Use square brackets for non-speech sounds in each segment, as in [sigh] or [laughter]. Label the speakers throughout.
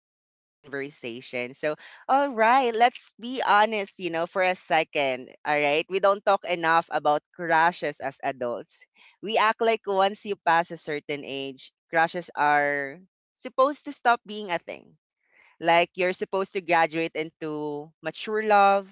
Speaker 1: honest conversation. So, all right, let's be honest, for a second. All right, we don't talk enough about crushes as adults. We act like once you pass a certain age, crushes are supposed to stop being a thing. Like you're supposed to graduate into mature love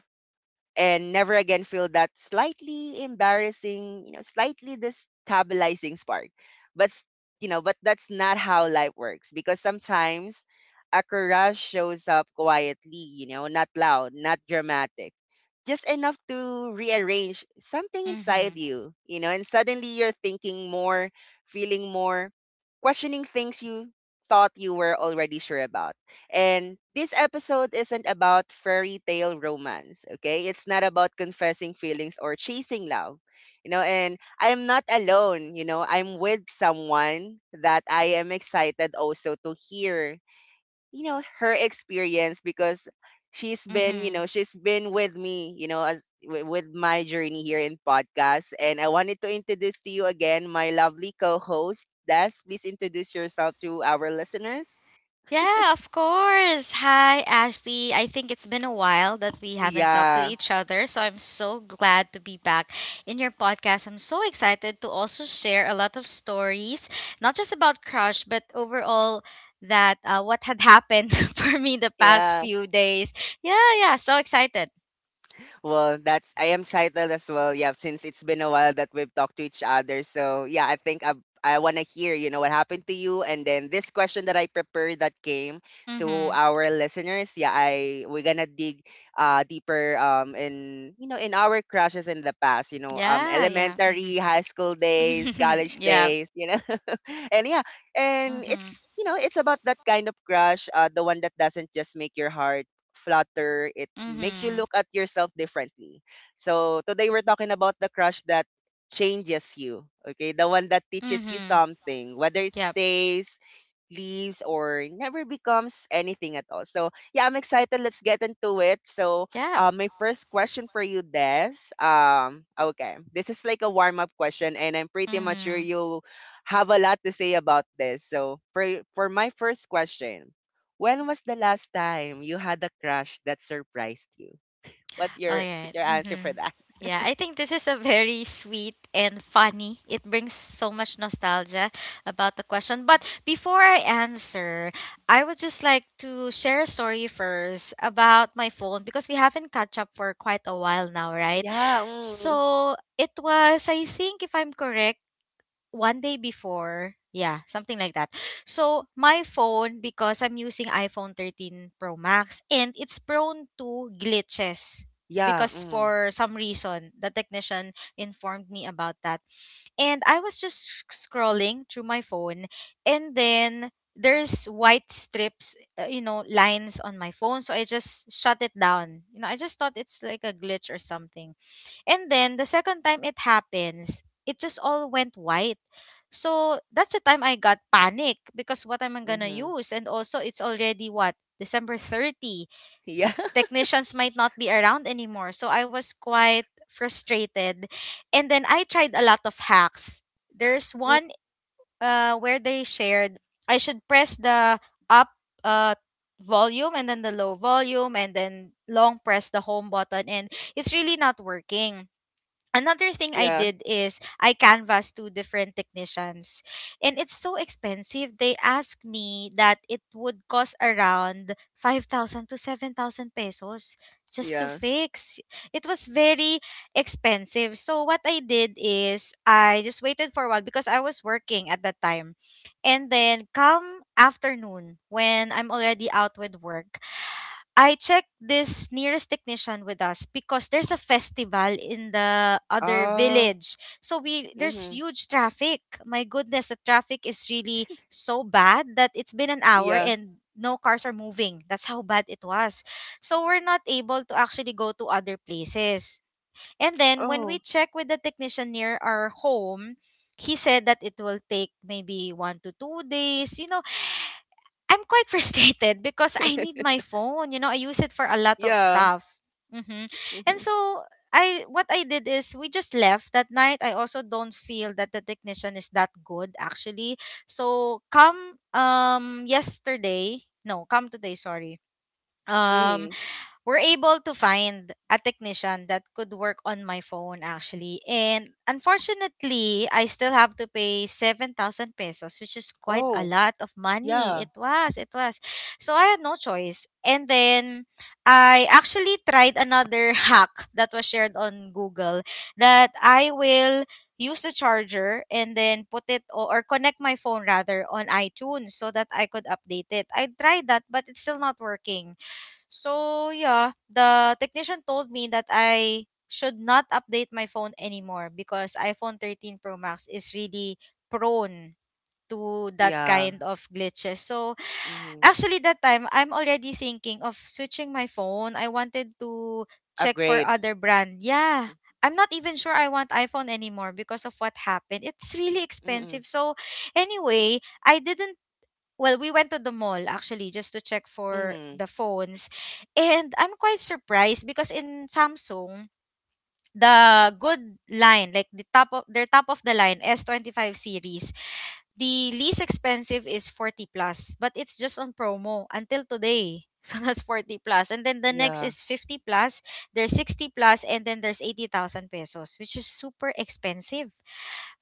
Speaker 1: and never again feel that slightly embarrassing, slightly destabilizing spark. But s- you know, but that's not how life works, because sometimes a crush shows up quietly, not loud, not dramatic, just enough to rearrange something
Speaker 2: Mm-hmm.
Speaker 1: inside you, you know, and suddenly you're thinking more, feeling more, questioning things you thought you were already sure about. And this episode isn't about fairy tale romance, okay? It's not about confessing feelings or chasing love. And I'm not alone. You know, I'm with someone that I am excited also to hear her experience, because she's been
Speaker 2: Mm-hmm.
Speaker 1: she's been with me with my journey here in podcast, and I wanted to introduce to you again my lovely co-host Des. Please introduce yourself to our listeners.
Speaker 2: Yeah, of course. Hi, Ashley. I think it's been a while that we haven't talked to
Speaker 1: Yeah,
Speaker 2: each other, so I'm so glad to be back in your podcast. I'm so excited to also share a lot of stories, not just about crush, but overall that what had happened [laughs] for me the past
Speaker 1: yeah.
Speaker 2: few days. Yeah, yeah, so excited.
Speaker 1: Well, that's I am Saitel as well. Yeah, since it's been a while that we've talked to each other. So yeah, I think I want to hear what happened to you, and then this question that I prepared that came to
Speaker 2: Mm-hmm.
Speaker 1: our listeners. Yeah, I we're gonna dig deeper in in our crushes in the past.
Speaker 2: Yeah, yeah.
Speaker 1: Elementary, high school days,
Speaker 2: Mm-hmm.
Speaker 1: college
Speaker 2: [laughs] yeah.
Speaker 1: days. You know, [laughs] and yeah, and
Speaker 2: Mm-hmm.
Speaker 1: it's it's about that kind of crush, the one that doesn't just make your heart flutter. It makes you
Speaker 2: Mm-hmm.
Speaker 1: look at yourself differently. So today we're talking about the crush that changes you. Okay, the one that teaches you
Speaker 2: Mm-hmm.
Speaker 1: something, whether it
Speaker 2: Yep.
Speaker 1: stays, leaves, or never becomes anything at all. So yeah, I'm excited. Let's get into it. So
Speaker 2: Yep.
Speaker 1: my first question for you, Des. Okay, this is like a warm up question, and I'm pretty much sure
Speaker 2: Mm-hmm.
Speaker 1: you have a lot to say about this. So for my first question, when was the last time you had a crush that surprised you? What's
Speaker 2: All
Speaker 1: your
Speaker 2: right.
Speaker 1: what's your answer for
Speaker 2: Mm-hmm.
Speaker 1: that? [laughs]
Speaker 2: Yeah, I think this is a very sweet and funny. It brings so much nostalgia about the question. But before I answer, I would just like to share a story first about my phone because we haven't catch up for quite a while now, right?
Speaker 1: Yeah, mm,
Speaker 2: So it was, I think, if I'm correct, one day before. Yeah, something like that. So my phone, because I'm using iPhone 13 Pro Max, and it's prone to glitches
Speaker 1: yeah,
Speaker 2: because
Speaker 1: mm,
Speaker 2: for some reason the technician informed me about that. And I was just scrolling through my phone, and then there's white strips, you know, lines on my phone. So I just shut it down. You know, I just thought it's like a glitch or something. And then the second time it happens, it just all went white. So that's the time I got panic because what am I gonna
Speaker 1: mhm.
Speaker 2: use? And also it's already what? December 30.
Speaker 1: Yeah. [laughs]
Speaker 2: Technicians might not be around anymore. So I was quite frustrated. And then I tried a lot of hacks. There's
Speaker 1: Mm,
Speaker 2: one where they shared I should press the up uh volume and then the low volume and then long press the home button, and it's really not working. Another thing I
Speaker 1: yeah,
Speaker 2: did is I canvassed two different technicians, and it's so expensive. They asked me that it would cost around 5,000 to 7,000 pesos just to
Speaker 1: yeah.
Speaker 2: fix. It was very expensive. So what I did is I just waited for a while because I was working at that time. And then come afternoon, when I'm already out with work, I checked this nearest technician with us because there's a festival in the other
Speaker 1: Ah,
Speaker 2: village. So we there's
Speaker 1: mhm.
Speaker 2: huge traffic. My goodness, the traffic is really so bad that it's been an hour
Speaker 1: Yeah.
Speaker 2: and no cars are moving. That's how bad it was. So we're not able to actually go to other places. And then when we
Speaker 1: Oh,
Speaker 2: check with the technician near our home, he said that it will take maybe one to two days. You know, I'm quite [laughs] frustrated because I need
Speaker 1: [laughs]
Speaker 2: my phone. You know, I use it for a lot of
Speaker 1: yeah.
Speaker 2: stuff. Hmm. And
Speaker 1: Mhm.
Speaker 2: so I what I did is we just left that night. I also don't feel that the technician is that good actually. So come yesterday, no, come today, sorry. Um
Speaker 1: Mm.
Speaker 2: we're able to find a technician that could work on my phone actually. And unfortunately, I still have to pay 7,000 pesos, which is quite a
Speaker 1: Oh,
Speaker 2: lot of money. It
Speaker 1: yeah.
Speaker 2: was, it was. So I had no choice. And then I actually tried another [laughs] hack that was shared on Google that I will use the charger and then put it or connect my phone rather on iTunes so that I could update it. I tried that but it's still not working. So yeah, the technician told me that I should not update my phone anymore because iPhone 13 Pro Max is really prone to that
Speaker 1: Yeah.
Speaker 2: kind of glitches. So
Speaker 1: Mhm.
Speaker 2: actually, that time, I'm already thinking of switching my phone. I wanted to check for
Speaker 1: Upgrade.
Speaker 2: other brand. Yeah.
Speaker 1: Mhm.
Speaker 2: I'm not even sure I want iPhone anymore because of what happened. It's really
Speaker 1: Mhm.
Speaker 2: expensive. So anyway, I didn't, well, we went to the mall actually just to check for
Speaker 1: Mhm,
Speaker 2: the phones. And I'm quite surprised because in Samsung, the good line, like the top of their top of the line S25 series, the least expensive is 40 plus, but it's just on promo until today. [laughs] So that's 40 plus. And then the next
Speaker 1: yeah.
Speaker 2: is 50 plus, there's 60 plus, and then there's 80,000 pesos, which is super expensive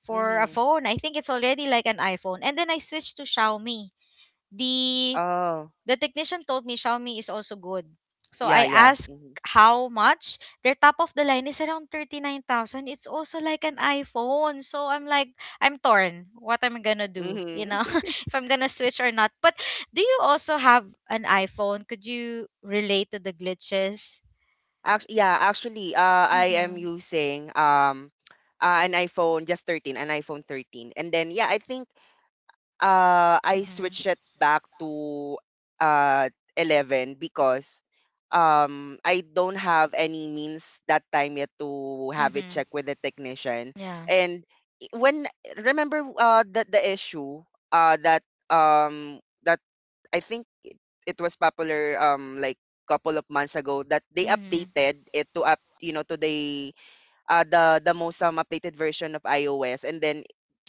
Speaker 2: for a
Speaker 1: Mhm.
Speaker 2: phone. I think it's already like an iPhone. And then I switched to Xiaomi. The
Speaker 1: Oh,
Speaker 2: the technician told me Xiaomi is also good. So I
Speaker 1: yeah, yeah.
Speaker 2: asked
Speaker 1: Mhm.
Speaker 2: how much. Their top of the line is around 39,000. It's also like an iPhone. So I'm like, I'm torn. What am I going to do? You
Speaker 1: Mhm.
Speaker 2: know, [laughs] if I'm going to switch or not. But do you also have an iPhone? Could you relate to the glitches?
Speaker 1: Actually, I am
Speaker 2: Mm-hmm.
Speaker 1: using an iPhone just 13, an iPhone 13. And then yeah, I think I
Speaker 2: Mm-hmm.
Speaker 1: switched it back to uh 11 because I don't have any means that time yet to have it
Speaker 2: Mm-hmm.
Speaker 1: checked with the technician.
Speaker 2: Yeah.
Speaker 1: And I- when remember the issue that that I think it, it was popular like couple of months ago, that they
Speaker 2: Mm-hmm.
Speaker 1: updated it to up you know to the the most updated version of iOS, and then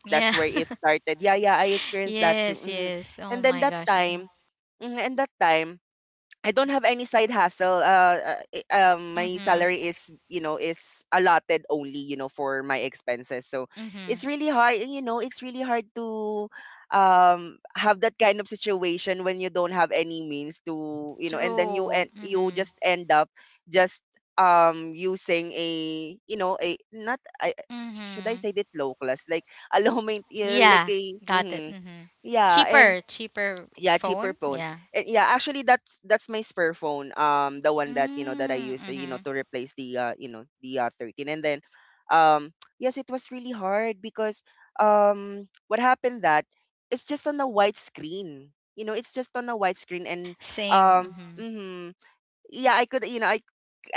Speaker 2: Yeah.
Speaker 1: that's where it
Speaker 2: [laughs]
Speaker 1: started. Yeah, yeah, I experienced that too.
Speaker 2: Yes,
Speaker 1: Mhm.
Speaker 2: yes.
Speaker 1: And
Speaker 2: Oh
Speaker 1: then
Speaker 2: my
Speaker 1: that
Speaker 2: gosh. Mm-hmm.
Speaker 1: time, mhm, and that time I don't have any side hustle. My
Speaker 2: Mm-hmm.
Speaker 1: salary is, you know, is allotted only, you know, for my expenses. So
Speaker 2: Mm-hmm.
Speaker 1: it's really hard, you know, it's really hard to have that kind of situation when you don't have any means to, you know, and then
Speaker 2: True.
Speaker 1: you
Speaker 2: Mm-hmm.
Speaker 1: just end up just using a, you know, a not should I
Speaker 2: Mm-hmm.
Speaker 1: say that low class like [laughs] a low main yeah, like
Speaker 2: Yeah,
Speaker 1: a
Speaker 2: got it.
Speaker 1: mhm.
Speaker 2: Hmm.
Speaker 1: Yeah, and
Speaker 2: Cheaper, cheaper
Speaker 1: yeah, cheaper
Speaker 2: phone.
Speaker 1: phone.
Speaker 2: Yeah.
Speaker 1: And yeah, actually that's my spare phone. The one that, you know, that I
Speaker 2: Mm,
Speaker 1: use, you know,
Speaker 2: hmm.
Speaker 1: to replace the you know, the 13. And then um [tsk] yes, it was really hard because what happened that it's just on a white screen. You know, it's just on a white screen and
Speaker 2: Same. Mm-hmm.
Speaker 1: mhm. Yeah, I could you know,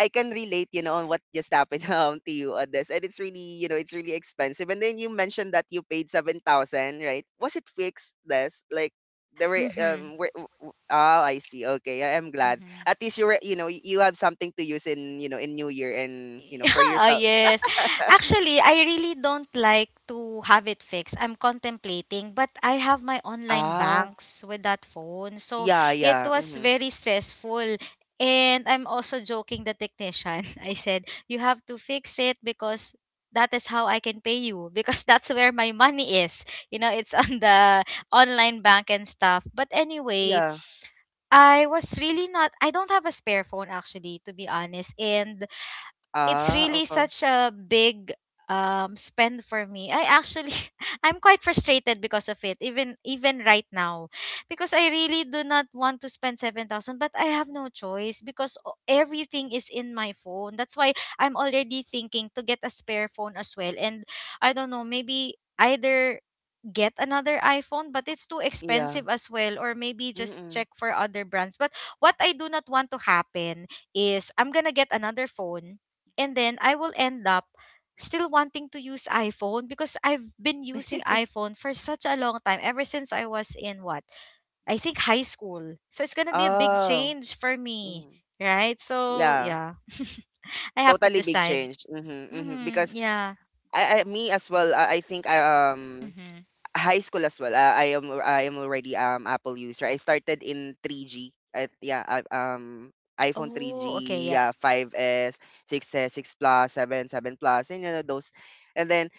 Speaker 1: I can relate, you know, on what just happened [laughs] to you on this. And it's really, you know, it's really expensive. And then you mentioned that you paid 7,000, right? Was it fixed, this? Like, there
Speaker 2: Mm-hmm.
Speaker 1: were, w- w- oh, I see. Okay. I am glad.
Speaker 2: Mm-hmm.
Speaker 1: At least you were, you know, you have something to use in, you know, in New Year and, you know, for
Speaker 2: [laughs] Oh
Speaker 1: yourself.
Speaker 2: yes. Actually, I really don't like to have it fixed. I'm contemplating, but I have my online
Speaker 1: Ah,
Speaker 2: banks with that phone. So
Speaker 1: yeah,
Speaker 2: it
Speaker 1: yeah.
Speaker 2: was
Speaker 1: Mm-hmm.
Speaker 2: very stressful. And I'm also joking the technician. [laughs] I said, "You have to fix it because that is how I can pay you because [laughs] that's where my money is. You know, it's [laughs] on the online bank and stuff." But anyway,
Speaker 1: Yeah.
Speaker 2: I was really not I don't have a spare phone actually to be honest, and it's
Speaker 1: Ah,
Speaker 2: really
Speaker 1: okay.
Speaker 2: such a big spend for me. I actually [laughs] I'm quite frustrated because of it, even right now, because I really do not want to spend 7,000, but I have no choice because everything is in my phone. That's why I'm already thinking to get a spare phone as well. And I don't know, maybe either get another iPhone, but it's too
Speaker 1: Yeah.
Speaker 2: expensive as well, or maybe just
Speaker 1: Mm-mm.
Speaker 2: check for other brands. But what I do not want to happen is I'm gonna get another phone and then I will end up still wanting to use iPhone because I've been using
Speaker 1: [laughs]
Speaker 2: iPhone for such a long time, ever since I was in what? I think high school. So it's gonna be a big
Speaker 1: Oh.
Speaker 2: change for me,
Speaker 1: Mhm.
Speaker 2: right? So
Speaker 1: Yeah.
Speaker 2: yeah, [laughs] I have to
Speaker 1: Totally big
Speaker 2: decide.
Speaker 1: change. Mm-hmm, mm-hmm.
Speaker 2: Mm-hmm,
Speaker 1: Because
Speaker 2: yeah.
Speaker 1: I me as well. I think I
Speaker 2: Mm-hmm.
Speaker 1: [tsk] high school as well. I am already Apple user. I started in 3G. iPhone
Speaker 2: Oh, okay,
Speaker 1: 3G,
Speaker 2: yep.
Speaker 1: yeah, 5S, 6S, 6 S, 6 Plus, 7, 7 Plus, and you know those. And then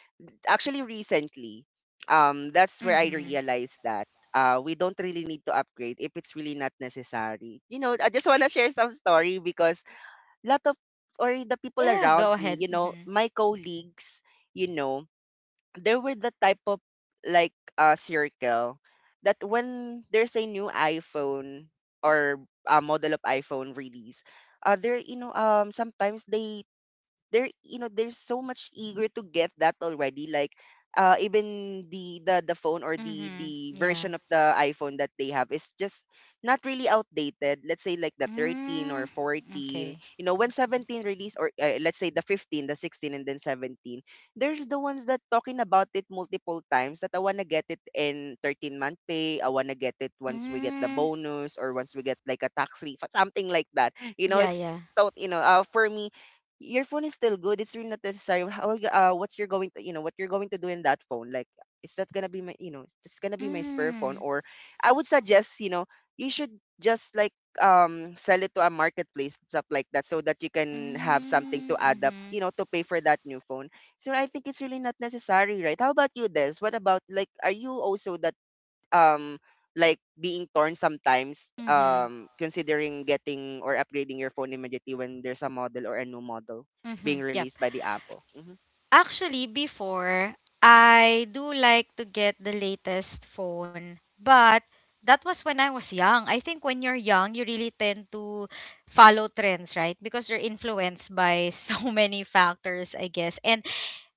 Speaker 1: actually recently, that's where I
Speaker 2: Mm-hmm.
Speaker 1: realized that we don't really need to upgrade if it's really not necessary. You know, I just want to share some story because lot of or the people
Speaker 2: Yeah,
Speaker 1: around
Speaker 2: go
Speaker 1: me,
Speaker 2: ahead.
Speaker 1: you know,
Speaker 2: Mhm.
Speaker 1: my colleagues, you know, there were the type of like circle that when there's a new iPhone or a model of iPhone release, there you know sometimes they they're you know they're so much eager to get that already, like even the phone or the
Speaker 2: Mhm.
Speaker 1: the
Speaker 2: Yeah.
Speaker 1: version of the iPhone that they have is just not really outdated, let's say like the 13 or
Speaker 2: Mm.
Speaker 1: 14,
Speaker 2: Okay.
Speaker 1: you know, when 17 release, or let's say the 15, the 16, and then 17, they're the ones that talking about it multiple times, that I want to get it in 13-month pay, I want to get it once we get the
Speaker 2: Mm.
Speaker 1: bonus, or once we get like a tax refund, something like that, you know,
Speaker 2: Yeah,
Speaker 1: it's
Speaker 2: yeah.
Speaker 1: thought you know for me your phone is still good. It's really not necessary. What's you're going to you know what you're going to do in that phone? Like, is that gonna be my you know it's gonna be my spare phone?
Speaker 2: Mm.
Speaker 1: Or I would suggest you know you should just like sell it to a marketplace, stuff like that, so that you can have something to
Speaker 2: Mm.
Speaker 1: add up, you
Speaker 2: Mhm.
Speaker 1: know, to pay for that new phone. So I think it's really not necessary, right? How about you, Des? What about like are you also that um like being torn sometimes
Speaker 2: Mhm.
Speaker 1: considering getting or upgrading your phone immediately when there's a model or a new model being
Speaker 2: Mhm. Yep.
Speaker 1: released by the Apple. Hmm.
Speaker 2: Actually, before, I do like to get the latest phone, but that was when I was young. I think when you're young, you really tend to follow trends, right? Because you're influenced by [laughs] so many factors, I guess. And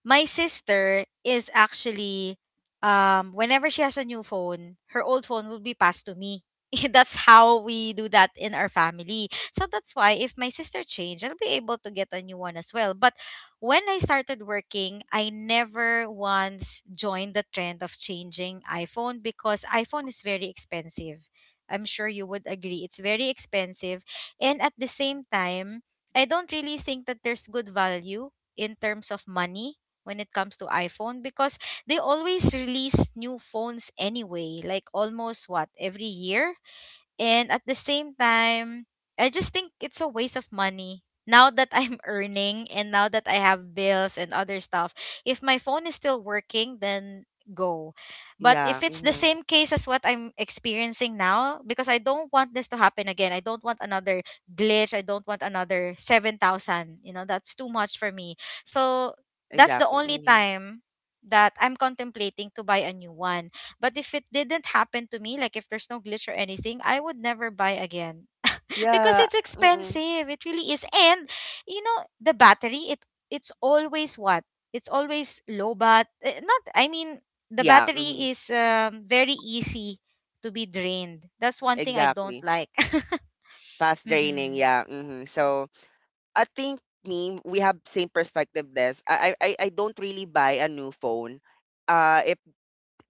Speaker 2: my sister is actually, whenever she has a new phone, her old phone will be passed to me. [laughs] That's how we do that in our family. So that's why if my sister changed, I'll be able to get a new one as well. But when I started working, I never once joined the trend of changing iPhone because iPhone is very expensive. I'm sure you would agree. It's very expensive. And at the same time, I don't really think that there's good value in terms of money when it comes to iPhone because they always release new phones anyway, like almost what every year, and at the same time, I just think it's a waste of money. Now that I'm [laughs] earning and now that I have bills and other stuff, if my phone is still working, then go. But
Speaker 1: Yeah,
Speaker 2: if it's the
Speaker 1: hmm,
Speaker 2: same case as what I'm experiencing now, because I don't want this to happen again, I don't want another glitch, I don't want another 7,000. You know, that's too much for me. So that's the
Speaker 1: exactly.
Speaker 2: only
Speaker 1: Hmm.
Speaker 2: time that I'm contemplating to buy a new one. But if it didn't happen to me, like if there's no glitch or anything, I would never buy again [laughs] because
Speaker 1: Yeah,
Speaker 2: it's
Speaker 1: mm,
Speaker 2: expensive. It really is. And you know, the battery it it's always what? It's always low bat. Eh, not, I mean, the
Speaker 1: yeah, hmm,
Speaker 2: battery is very easy to be drained. That's one thing I don't
Speaker 1: exactly.
Speaker 2: like. [laughs]
Speaker 1: Fast draining,
Speaker 2: Mhm.
Speaker 1: yeah. Hmm. So I think me, we have same perspective. This I don't really buy a new phone. Uh, if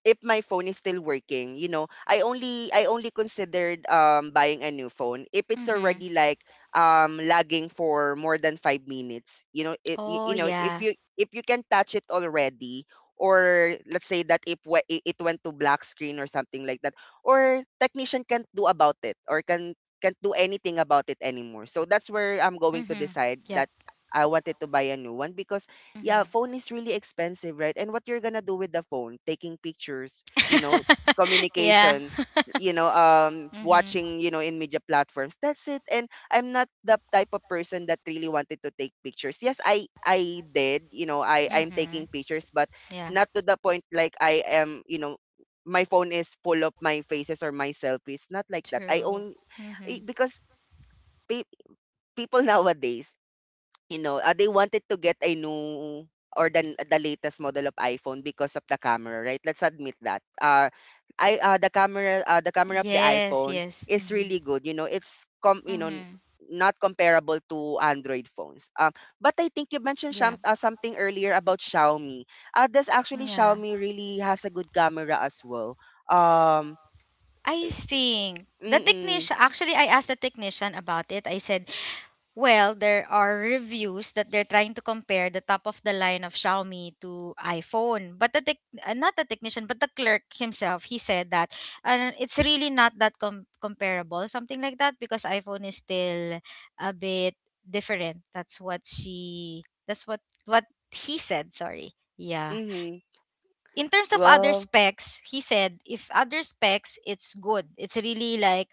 Speaker 1: if my phone is still working, you know, I only considered buying a new phone if it's
Speaker 2: Mhm.
Speaker 1: already like lagging for more than 5 minutes, you know, it you,
Speaker 2: Oh
Speaker 1: you know,
Speaker 2: yeah.
Speaker 1: if you can touch it already, or let's say that if it went to black screen or something like that, or technician can't do about it, or can't do anything about it anymore, so that's where I'm going to
Speaker 2: Mhm.
Speaker 1: decide
Speaker 2: Yep.
Speaker 1: that I wanted to buy a new one, because yeah,
Speaker 2: Mhm.
Speaker 1: phone is really expensive, right? And what you're gonna do with the phone? Taking pictures, you know,
Speaker 2: [laughs] Yeah.
Speaker 1: communication, you know,
Speaker 2: [laughs] Mhm.
Speaker 1: watching, you know, in media platforms. That's it. And I'm not the type of person that really wanted to take pictures. Yes, I did, you know, I'm taking
Speaker 2: Mhm.
Speaker 1: pictures, but
Speaker 2: Yeah.
Speaker 1: not to the point like I am, you know, my phone is full of my faces or my selfies. Not like that. I
Speaker 2: True.
Speaker 1: own eh,
Speaker 2: Mm-hmm.
Speaker 1: because pe- people [laughs] nowadays you know, they wanted to get a new or the latest model of iPhone because of the camera, right? Let's admit that. I the camera of the
Speaker 2: Yes,
Speaker 1: iPhone
Speaker 2: yes.
Speaker 1: is
Speaker 2: Mm-hmm.
Speaker 1: really good. You know, it's com you know
Speaker 2: Mm-hmm.
Speaker 1: not comparable to Android phones. But I think you mentioned
Speaker 2: Yeah.
Speaker 1: Something earlier about Xiaomi. Does actually
Speaker 2: Yeah.
Speaker 1: Xiaomi really has a good camera as well? Um,
Speaker 2: I think
Speaker 1: mm,
Speaker 2: the
Speaker 1: mm,
Speaker 2: technician, actually, I asked the technician about it. I said, well, there are reviews that they're trying to compare the top of the line of Xiaomi to iPhone. But the not the technician, but the clerk himself, he said that it's really not that comparable, something like that, because iPhone is still a bit different. That's what she. That's what he said. Sorry. Yeah.
Speaker 1: mm-hmm.
Speaker 2: In terms of other
Speaker 1: Well,
Speaker 2: specs, he said if other specs, it's good. It's really like,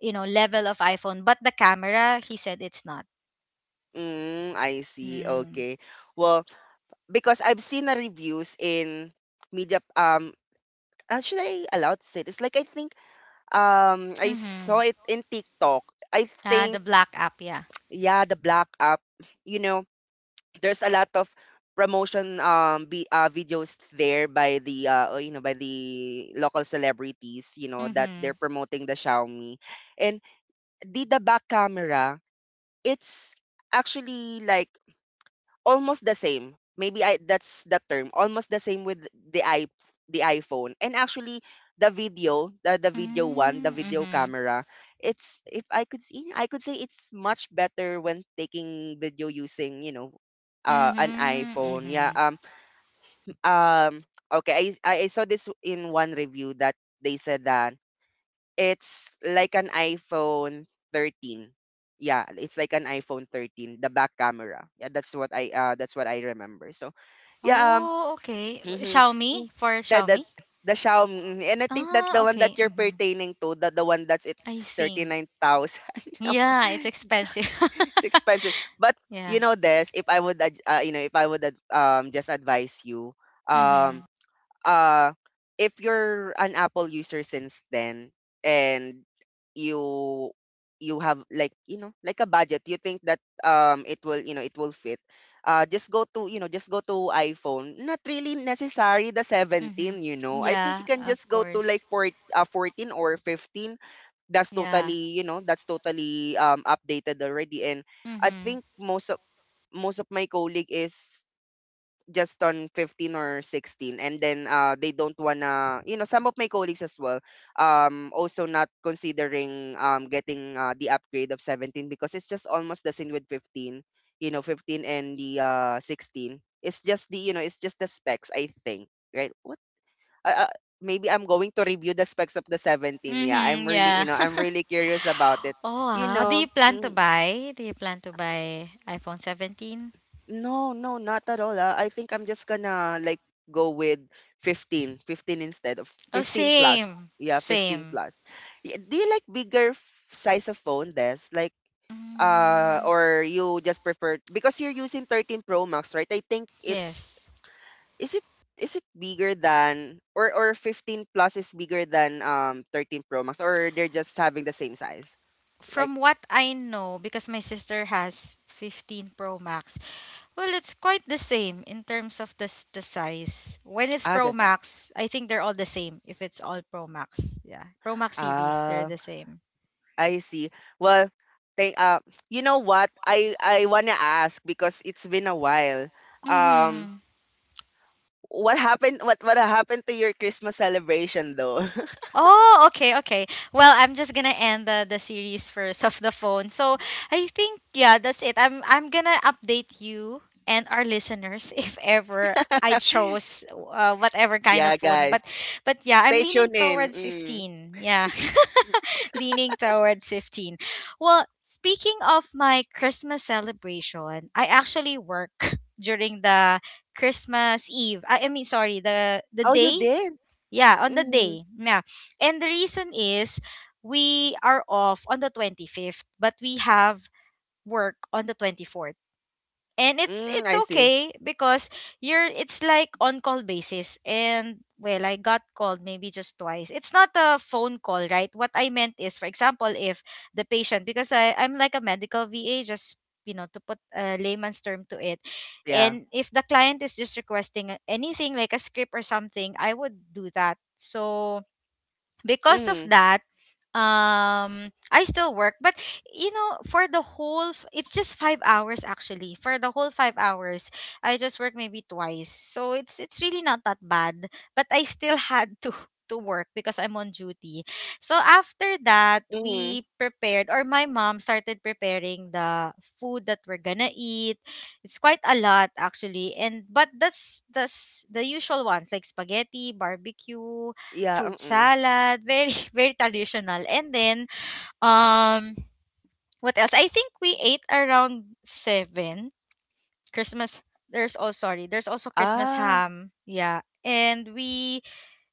Speaker 2: you know, level of iPhone, but the camera, he said it's not.
Speaker 1: mm, I see.
Speaker 2: Mm.
Speaker 1: Okay. Well, because I've seen the reviews in media should I allowed to say this? Like I think I saw
Speaker 2: Mhm.
Speaker 1: it in TikTok. I
Speaker 2: Ah, the
Speaker 1: think
Speaker 2: black app, yeah.
Speaker 1: yeah, the black app, you know, there's a lot of promotion videos there by the you know by the local celebrities, you know, that they're
Speaker 2: Mhm.
Speaker 1: promoting the Xiaomi. And the back camera, it's actually like almost the same. Maybe I that's the term. Almost the same with the iPhone. And actually the video one, the
Speaker 2: Mm,
Speaker 1: video
Speaker 2: mhm.
Speaker 1: camera, it's if I could see I could say it's much better when taking video using, an
Speaker 2: Mhm.
Speaker 1: iPhone. Yeah.
Speaker 2: Mhm.
Speaker 1: Um I saw this in one review that they said that it's like an iPhone 13. Yeah, it's like an iPhone 13, the back camera. Yeah, that's what I remember. So, yeah,
Speaker 2: Oh, okay.
Speaker 1: [laughs]
Speaker 2: W-
Speaker 1: mhm, mm
Speaker 2: Xiaomi for
Speaker 1: The the
Speaker 2: Xiaomi?
Speaker 1: the Xiaomi, and I think that's
Speaker 2: Ah,
Speaker 1: the one that
Speaker 2: okay.
Speaker 1: you're
Speaker 2: Mhm.
Speaker 1: pertaining to, the one that's
Speaker 2: I
Speaker 1: it's
Speaker 2: think.
Speaker 1: 39,000.
Speaker 2: Yeah, it's
Speaker 1: [laughs]
Speaker 2: expensive. [laughs]
Speaker 1: It's expensive. But you
Speaker 2: Yeah.
Speaker 1: know this, if I would ad- you know, if I would ad- just advise you, um
Speaker 2: Mhm.
Speaker 1: uh if you're an Apple user since then, and you you have like, you know, like a budget you think that it will, it will fit. Just go to, iPhone, not really necessary the
Speaker 2: Mhm.
Speaker 1: 17. I think you
Speaker 2: Yeah,
Speaker 1: can just
Speaker 2: of
Speaker 1: go to like
Speaker 2: course.
Speaker 1: 14 or 15.
Speaker 2: Yeah.
Speaker 1: That's totally updated already. And I
Speaker 2: Mhm.
Speaker 1: think most of my colleague is just on 15 or 16, and then they don't wanna, you know, some of my colleagues as well also not considering getting the upgrade of 17 because it's just almost the same with 15. 15 and the 16, it's just the, it's just the specs, I think. Right? what uh, uh, Maybe I'm going to review the specs of the 17. Yeah, I'm
Speaker 2: Mhm.
Speaker 1: really,
Speaker 2: Yeah.
Speaker 1: I'm really
Speaker 2: [laughs]
Speaker 1: curious about it.
Speaker 2: Oh,
Speaker 1: you
Speaker 2: wow. Do
Speaker 1: know
Speaker 2: you plan to
Speaker 1: Mm-hmm.
Speaker 2: buy? Do you plan to buy iPhone 17?
Speaker 1: No, no, not at all. Ah. I think I'm just gonna like go with 15 instead of
Speaker 2: Oh,
Speaker 1: 15 plus.
Speaker 2: same.
Speaker 1: Yeah, 15
Speaker 2: Same.
Speaker 1: plus. Do you like bigger size of phone, Des?
Speaker 2: Mm,
Speaker 1: Or you just prefer because you're using 13 Pro Max, right? I think it's
Speaker 2: yes.
Speaker 1: is it Is it bigger than, or 15 plus is bigger than 13 Pro Max, or they're just having the same size? Like,
Speaker 2: From what I know, because my sister has 15 Pro Max, well, it's quite the same in terms of the size. When it's
Speaker 1: ah,
Speaker 2: Pro
Speaker 1: that's a
Speaker 2: Max, I think they're all the same if it's all Pro Max. Yeah. Pro Max series, they're
Speaker 1: ah.
Speaker 2: the same.
Speaker 1: I see. Well, thank you know what? I want to ask because it's been a while. Um
Speaker 2: Mm-hmm.
Speaker 1: what happened to your Christmas celebration though?
Speaker 2: Oh, okay, okay. Well, I'm just gonna end the series first of the phone. So I think yeah, that's it. I'm gonna update you and our listeners [laughs] if ever I
Speaker 1: [laughs]
Speaker 2: chose whatever kind of
Speaker 1: Yeah,
Speaker 2: phone.
Speaker 1: guys.
Speaker 2: But yeah, I'm
Speaker 1: Stay
Speaker 2: leaning
Speaker 1: tuned in.
Speaker 2: towards
Speaker 1: Mm.
Speaker 2: 15. Yeah, [laughs] leaning towards 15. Well, speaking of my Christmas celebration, I actually work [laughs] during the Christmas Eve. Sorry, the
Speaker 1: Oh, you
Speaker 2: day
Speaker 1: did?
Speaker 2: yeah, on the
Speaker 1: Mm.
Speaker 2: day. Yeah. And the reason is we are off on the 25th, but we have work on the 24th and it's
Speaker 1: Mm,
Speaker 2: it's
Speaker 1: I see.
Speaker 2: okay because you're it's like on call basis, and well, I got called maybe just twice. It's not a phone call. Right, what I meant is, for example, if the patient, because I'm like a medical VA, just you know, to put a layman's term to it,
Speaker 1: Yeah.
Speaker 2: and if the client is just requesting anything like a script or something, I would do that. So because of
Speaker 1: Mhm.
Speaker 2: that, I still work, but you know, for the whole it's just 5 hours actually. For the whole 5 hours I just work maybe twice, so it's really not that bad. But I still had to [laughs] to work because I'm on duty. So after that
Speaker 1: Mhm.
Speaker 2: we prepared, or my mom started preparing the food that we're gonna eat. It's quite a lot actually, and but that's the usual ones like spaghetti, barbecue,
Speaker 1: Yeah,
Speaker 2: fruit
Speaker 1: mm.
Speaker 2: salad, very [laughs] very traditional. And then um what else? I think we ate around 7. Christmas, there's, oh sorry, there's also Christmas
Speaker 1: Ah,
Speaker 2: ham. Yeah. And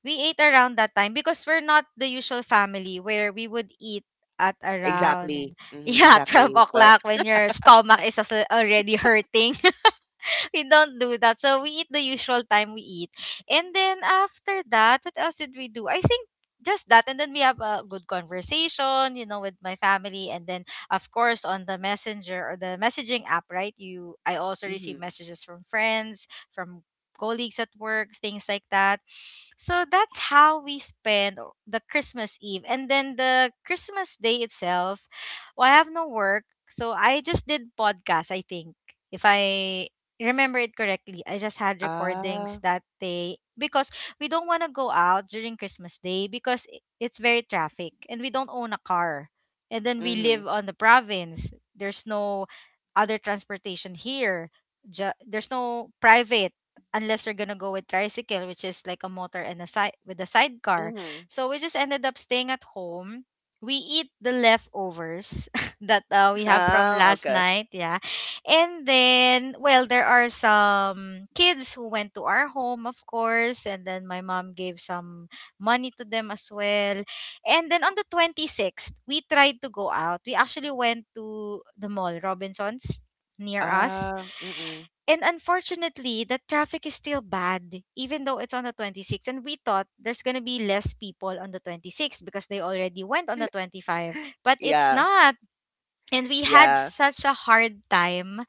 Speaker 2: we ate around that time because we're not the usual family where we would eat at around
Speaker 1: exactly.
Speaker 2: [laughs]
Speaker 1: Mhm,
Speaker 2: yeah 12
Speaker 1: exactly. Well,
Speaker 2: o'clock when your stomach is also already hurting. [laughs] We don't do that. So we eat the usual time we eat. And then after that, what else did we do? I think just that, and then we have a good conversation you know with my family. And then of course on the messenger or the messaging app, right, you, I also receive
Speaker 1: mhm.
Speaker 2: messages from friends, from colleagues at work, things like that. So that's how we spend the Christmas Eve. And then the Christmas Day itself, well, I have no work, so I just did podcast, I think. If I remember it correctly, I just had recordings
Speaker 1: Ah,
Speaker 2: that day because we don't want to go out during Christmas Day because it's very traffic and we don't own a car. And then we
Speaker 1: mhm.
Speaker 2: live on the province. There's no other transportation here. There's no private unless you're gonna go with tricycle, which is like a motor and a side with a sidecar.
Speaker 1: Mhm.
Speaker 2: So we just ended up staying at home. We eat the leftovers [laughs] that we
Speaker 1: [laughs]
Speaker 2: have from
Speaker 1: Ah,
Speaker 2: last
Speaker 1: okay.
Speaker 2: night. Yeah. And then, well, there are some kids who went to our home, of course, and then my mom gave some money to them as well. And then on the 26th, we tried to go out. We actually went to the mall, Robinson's, near us.
Speaker 1: Ah, mm,
Speaker 2: And unfortunately, the traffic is still bad, even though it's on the 26th. And we thought there's going to be less people on the 26th because they already went on the 25. But it's
Speaker 1: yeah,
Speaker 2: not. And we had
Speaker 1: yeah.
Speaker 2: such a hard time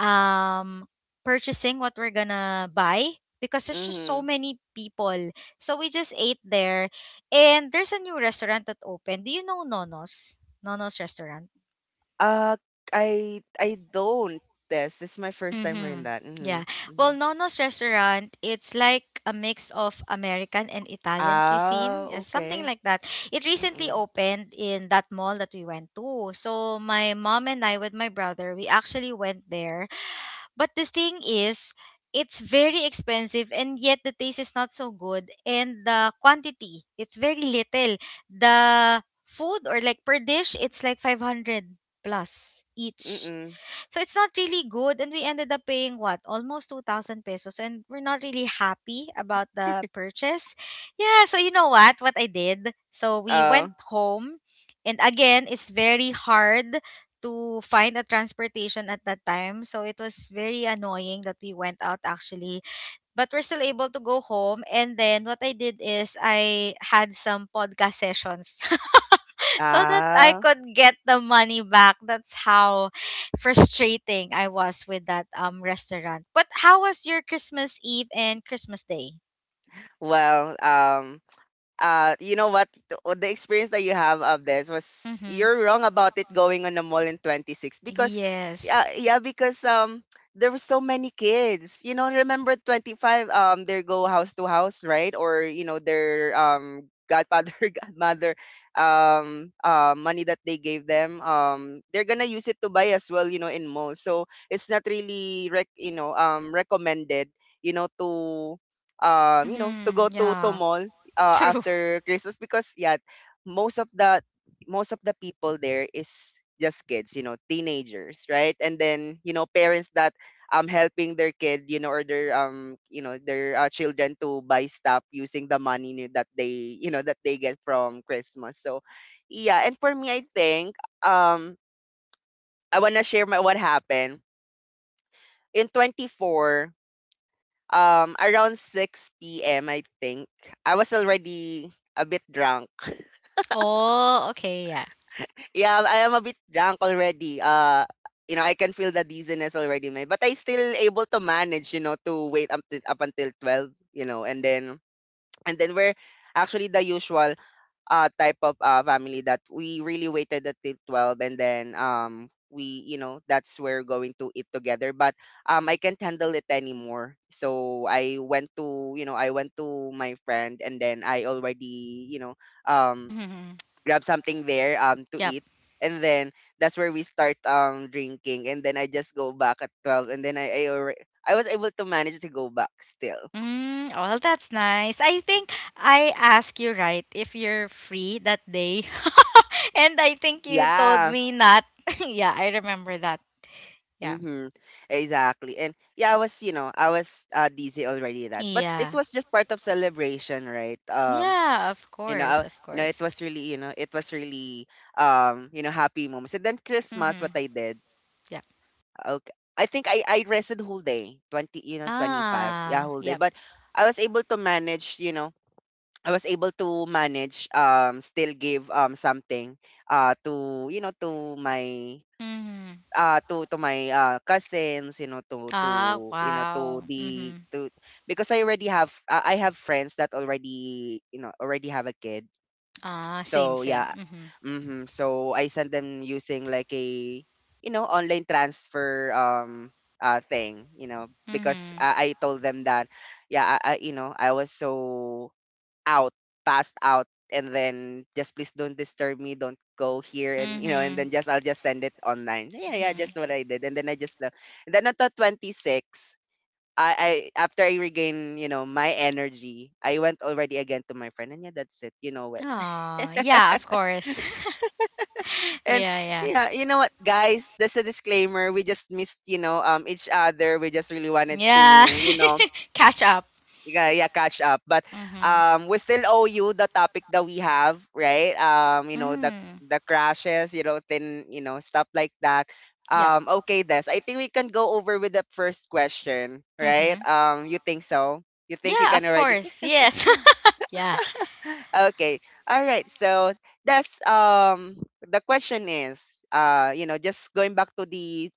Speaker 2: um, purchasing what we're gonna buy because there's just so
Speaker 1: Mm-hmm.
Speaker 2: many people. So we just ate there, and there's a new restaurant that opened. Do you know Nonos? Nonos restaurant.
Speaker 1: Uh, I don't test. This is my first time hearing
Speaker 2: Mm-hmm.
Speaker 1: that. Mm-hmm.
Speaker 2: Yeah.
Speaker 1: Mm-hmm.
Speaker 2: Well, Nono's restaurant, it's like a mix of American and Italian
Speaker 1: Ah,
Speaker 2: cuisine, something
Speaker 1: okay.
Speaker 2: like that. It recently
Speaker 1: Mm-mm.
Speaker 2: opened in that mall that we went to. So my mom and I with my brother, we actually went there. But the thing is, it's very expensive and yet the taste is not so good and the quantity, it's very little. The food or like per dish, it's like 500 plus each.
Speaker 1: Mm-mm.
Speaker 2: So it's not really good. And we ended up paying what? Almost 2,000 pesos. And we're not really happy about the
Speaker 1: [laughs]
Speaker 2: purchase. Yeah. So you know what? What I did? So we went
Speaker 1: Oh.
Speaker 2: home. And again, it's very hard to find a transportation at that time. So it was very annoying that we went out actually. But we're still able to go home. And then what I did is I had some podcast sessions so that I
Speaker 1: Ah.
Speaker 2: could get the money back. That's how frustrating I was with that restaurant. But how was your Christmas Eve and Christmas Day?
Speaker 1: Well, you know what? The experience that you have of this was
Speaker 2: Mhm.
Speaker 1: you're wrong about it going on the mall in 26 because,
Speaker 2: Yes.
Speaker 1: yeah, yeah, because there were so many kids. You know, remember 25? They go house to house, right? Or you know, their godfather, [laughs] godmother, money that they gave them. They're gonna use it to buy as well. You know, in malls, so it's not really recommended. You know, to, to go
Speaker 2: Mhm.
Speaker 1: to
Speaker 2: Yeah.
Speaker 1: mall,
Speaker 2: [laughs] True.
Speaker 1: after Christmas because yeah, most of the most of the people there is just kids, you know, teenagers, right? And then you know parents that helping their kid, you know, or their their children to buy stuff using the money, that they, that they get from Christmas. So yeah, and for me, I think um I wanna share my what happened in 24, around 6 p.m. I think I was already a bit drunk.
Speaker 2: Oh, okay, yeah.
Speaker 1: Yeah, I am a bit drunk already. You know, I can feel the dizziness already, man. But I still able to manage, you know, to wait up, up until 12, you know, and then [tsk] and then we're actually the usual type of family that we really waited until 12, and then we, you know, that's where we're going to eat together. But I can't handle it anymore, so I went to, I went to my friend, and then I already, you know, um
Speaker 2: Mhm.
Speaker 1: grab something there, to
Speaker 2: Yep.
Speaker 1: eat, and then that's where we start drinking. And then I just go back at 12, and then I was able to manage to go back still.
Speaker 2: Mm, well, that's nice. I think I asked you right if you're free that day. [laughs] And I think you told
Speaker 1: Yeah.
Speaker 2: me not. [laughs] Yeah, I remember that. Yeah.
Speaker 1: Mm-hmm. Exactly. And yeah, I was dizzy already that. But it
Speaker 2: Yeah.
Speaker 1: was just part of celebration, right?
Speaker 2: Yeah, of
Speaker 1: You know,
Speaker 2: course, of
Speaker 1: it
Speaker 2: course.
Speaker 1: was really, happy moments. And then Christmas,
Speaker 2: Mm-hmm.
Speaker 1: what I did.
Speaker 2: Yeah.
Speaker 1: Okay. I think I rested whole day, 25. Yeah,
Speaker 2: Ah,
Speaker 1: whole day.
Speaker 2: yep.
Speaker 1: But I was able to manage, you know, I was able to manage still give something to, you know,
Speaker 2: Mm-hmm.
Speaker 1: to my cousins, you know,
Speaker 2: Ah, wow. Mm-hmm.
Speaker 1: to, because I already have I have friends that already, you know, already have a kid,
Speaker 2: Ah, same,
Speaker 1: so
Speaker 2: same.
Speaker 1: yeah.
Speaker 2: Mm-hmm.
Speaker 1: Hmm. So I sent them using like a, online transfer thing, you know, because
Speaker 2: Mm-hmm.
Speaker 1: I told them that yeah, I was so out, passed out, and then just please don't disturb me, don't go here, and you know, and
Speaker 2: Mm-hmm.
Speaker 1: then just I'll just send it online. Yeah, yeah,
Speaker 2: Mm-hmm.
Speaker 1: just what I did. And then I just left. And then at the 26, I after I regain you know my energy, I went already again to my friend, and yeah, that's it, you know what,
Speaker 2: Ah, yeah, of course. [laughs]
Speaker 1: and
Speaker 2: Yeah, yeah.
Speaker 1: yeah, you know what, guys? There's a disclaimer. We just missed, you know, each other. We just really wanted
Speaker 2: Yeah.
Speaker 1: to, you know,
Speaker 2: [laughs] Catch up.
Speaker 1: yeah, yeah, catch up. But
Speaker 2: Mm-hmm.
Speaker 1: we still owe you the topic that we have, right? You know, the
Speaker 2: Mm.
Speaker 1: the crashes, you know, then you know stuff like that.
Speaker 2: Yep.
Speaker 1: Okay, Des. I think we can go over with the first question, right?
Speaker 2: Mm-hmm.
Speaker 1: You think so? You think you
Speaker 2: Yeah,
Speaker 1: can
Speaker 2: of
Speaker 1: already?
Speaker 2: course.
Speaker 1: [laughs]
Speaker 2: Yes. [laughs] Yeah.
Speaker 1: Okay. All right. So that's the question is, just going back to the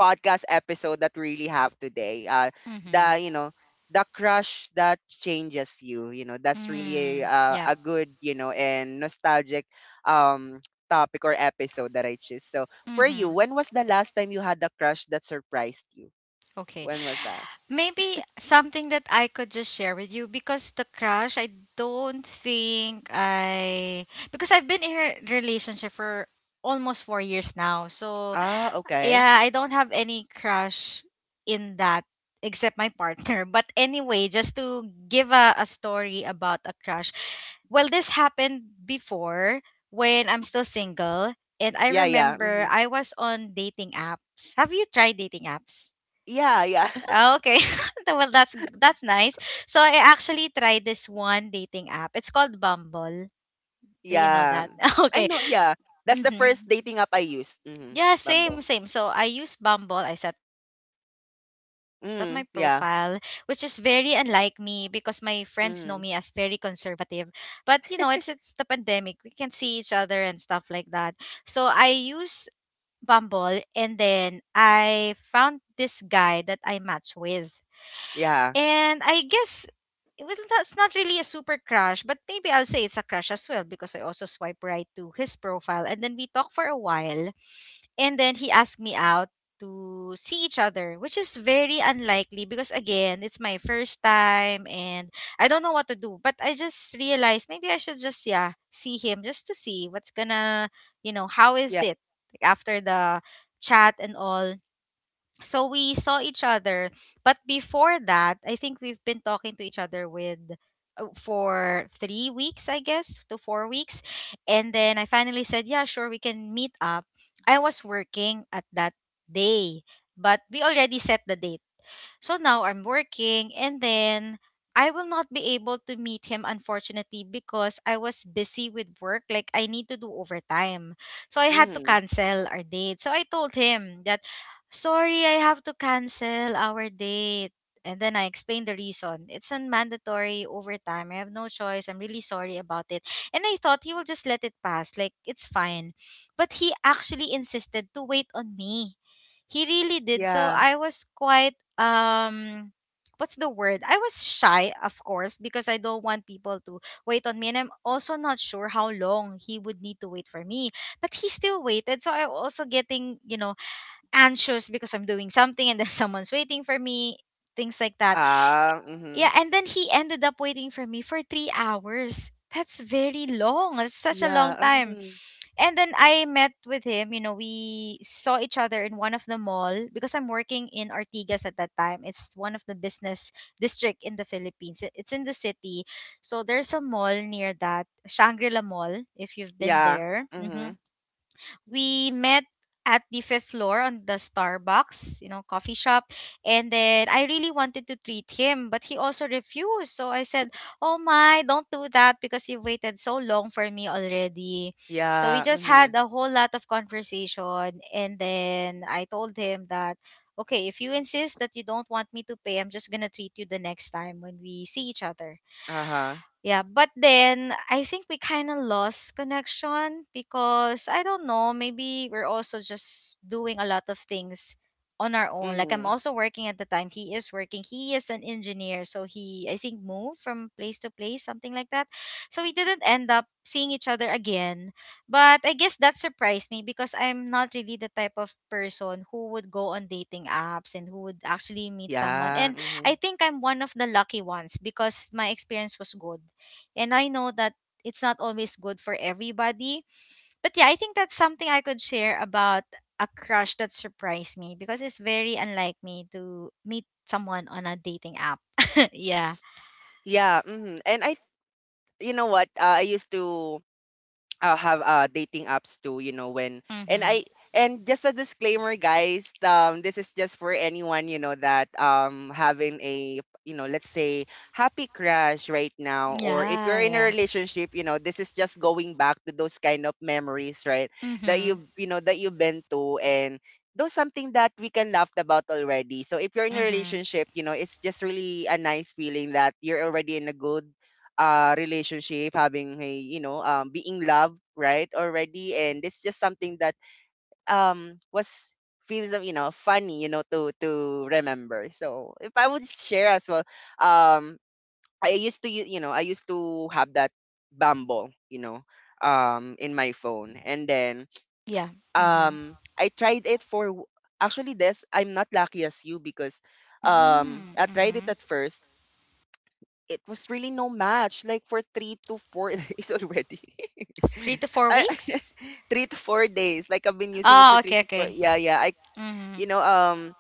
Speaker 1: podcast episode that we really have today.
Speaker 2: Mm-hmm.
Speaker 1: The you know the crush that changes you. You know that's really
Speaker 2: Mm. Yep.
Speaker 1: a good, and nostalgic um [tsk] topic or episode that I choose. So for you,
Speaker 2: Mm-hmm.
Speaker 1: when was the last time you had a crush that surprised you?
Speaker 2: Okay.
Speaker 1: When was that?
Speaker 2: Maybe something that I could just share with you, because the crush, I don't think I, because I've been in a relationship for almost 4 years now. So
Speaker 1: Ah,
Speaker 2: yeah,
Speaker 1: okay.
Speaker 2: I don't have any crush in that except my partner. [laughs] But anyway, just to give a story about a crush. Well, this happened before when I'm still single and I
Speaker 1: Yeah, yeah.
Speaker 2: remember
Speaker 1: Mhm.
Speaker 2: I was on dating apps. Have you tried dating apps?
Speaker 1: Yeah, yeah.
Speaker 2: Ah,
Speaker 1: [laughs]
Speaker 2: okay. [laughs] Well, that's nice. So I actually tried this one dating app. It's called Bumble. Do you know
Speaker 1: Yeah.
Speaker 2: that? [laughs]
Speaker 1: I
Speaker 2: Okay.
Speaker 1: know, yeah. That's the
Speaker 2: Mm-hmm.
Speaker 1: first dating app I used. Mm-hmm.
Speaker 2: Yeah, same,
Speaker 1: Bumble.
Speaker 2: same. So I use Bumble. I set up my profile, which is very
Speaker 1: Mm,
Speaker 2: unlike
Speaker 1: yeah.
Speaker 2: me because my friends know me as very conservative.
Speaker 1: Mm-hmm.
Speaker 2: But you know, it's the pandemic. We can't see each other and stuff like that. So I use Bumble, and then I found this guy that I match with.
Speaker 1: Yeah.
Speaker 2: And I guess, well, that's not really a super crush, but maybe I'll say it's a crush as well because I also swipe right to his profile. And then we talk for a while. And then he asked me out to see each other, which is very unlikely because, again, it's my first time and I don't know what to do. But I just realized maybe I should just, yeah, see him just to see what's gonna, you know, how is
Speaker 1: Yeah.
Speaker 2: it like, after the chat and all. So we saw each other, but before that, I think we've been talking to each other with for 3 weeks, I guess, to 4 weeks, and then I finally said, "Yeah, sure, we can meet up." I was working at that day, but we already set the date. So now I'm working, and then I will not be able to meet him unfortunately because I was busy with work. Like I need to do overtime. So I had to
Speaker 1: Mm-hmm.
Speaker 2: cancel our date. So I told him that sorry, I have to cancel our date. And then I explained the reason. It's a mandatory overtime. I have no choice. I'm really sorry about it. And I thought he will just let it pass. Like it's fine. But he actually insisted to wait on me, he really did. So
Speaker 1: Yeah.
Speaker 2: I was quite what's the word, I was shy of course because I don't want people to wait on me, and I'm also not sure how long he would need to wait for me. But he still waited, so I'm also getting, you know, anxious because I'm doing something and then [laughs] someone's waiting for me, things like that.
Speaker 1: Ah, mhm.
Speaker 2: Yeah. And then he ended up waiting for me for 3 hours. That's very long. That's such a long
Speaker 1: Yeah,
Speaker 2: time.
Speaker 1: mm,
Speaker 2: And then I met with him, you know, we saw each other in one of the mall because I'm working in Artigas at that time. It's one of the business district in the Philippines. It's in the city. So there's a mall near that, Shangri-La Mall, if you've been
Speaker 1: yeah,
Speaker 2: there. Hmm,
Speaker 1: mhm.
Speaker 2: we met at the fifth floor on the Starbucks, you know, coffee shop. And then I really wanted to treat him, but he also refused. So I said, oh my, don't do that because you've waited so long for me already. So we
Speaker 1: Yeah,
Speaker 2: just
Speaker 1: mhm.
Speaker 2: had a whole lot of conversation. And then I told him that, okay, if you insist that you don't want me to pay, I'm just going to treat you the next time when we see each other.
Speaker 1: Uh-huh.
Speaker 2: Yeah, but then I think we kind of lost connection because I don't know, maybe we're also just doing a lot of things on our own. Like I'm
Speaker 1: Mhm.
Speaker 2: also working at the time. He is working. He is an engineer, so he I think moved from place to place, something like that. So we didn't end up seeing each other again. But I guess that surprised me because I'm not really the type of person who would go on dating apps and who would actually meet someone.
Speaker 1: Yeah,
Speaker 2: And I
Speaker 1: mhm.
Speaker 2: think I'm one of the lucky ones because my experience was good and I know that it's not always good for everybody. But yeah, I think that's something I could share about a crush that surprised me because it's very unlike me to meet someone on a dating app. [laughs] Yeah.
Speaker 1: Yeah, mhm. And I you know what? I used to have dating apps too, you know, when and
Speaker 2: Mhm.
Speaker 1: I and just a disclaimer, guys, this is just for anyone, you know, that having a, let's say, happy crush right now. Or if
Speaker 2: Yeah,
Speaker 1: you're in a
Speaker 2: yeah.
Speaker 1: relationship, you know, this is just going back to those kind of memories, right? That
Speaker 2: Mhm.
Speaker 1: you know that you've been to, and those something that we can laugh about already. So if you're in a
Speaker 2: Mhm.
Speaker 1: relationship, you know, it's just really a nice feeling that you're already in a good relationship, having a, being loved, right, already, and it's just something that was feels, you know, funny, you know, to remember. So if I would share as well, um I used to u- you know, I used to have that Bumble, you know, in my phone. And then
Speaker 2: Yeah. Mhm.
Speaker 1: I tried it for actually, this, I'm not lucky as you because
Speaker 2: Mhm.
Speaker 1: I tried it
Speaker 2: Mhm.
Speaker 1: at first. It was really no match. Like for three to four [laughs] days already.
Speaker 2: 3
Speaker 1: [laughs]
Speaker 2: to 4
Speaker 1: I,
Speaker 2: weeks?
Speaker 1: [laughs] 3 to 4 days. Like I've been using it for
Speaker 2: Oh,
Speaker 1: three
Speaker 2: okay,
Speaker 1: to four.
Speaker 2: okay.
Speaker 1: Yeah, yeah. You
Speaker 2: Mhm.
Speaker 1: know um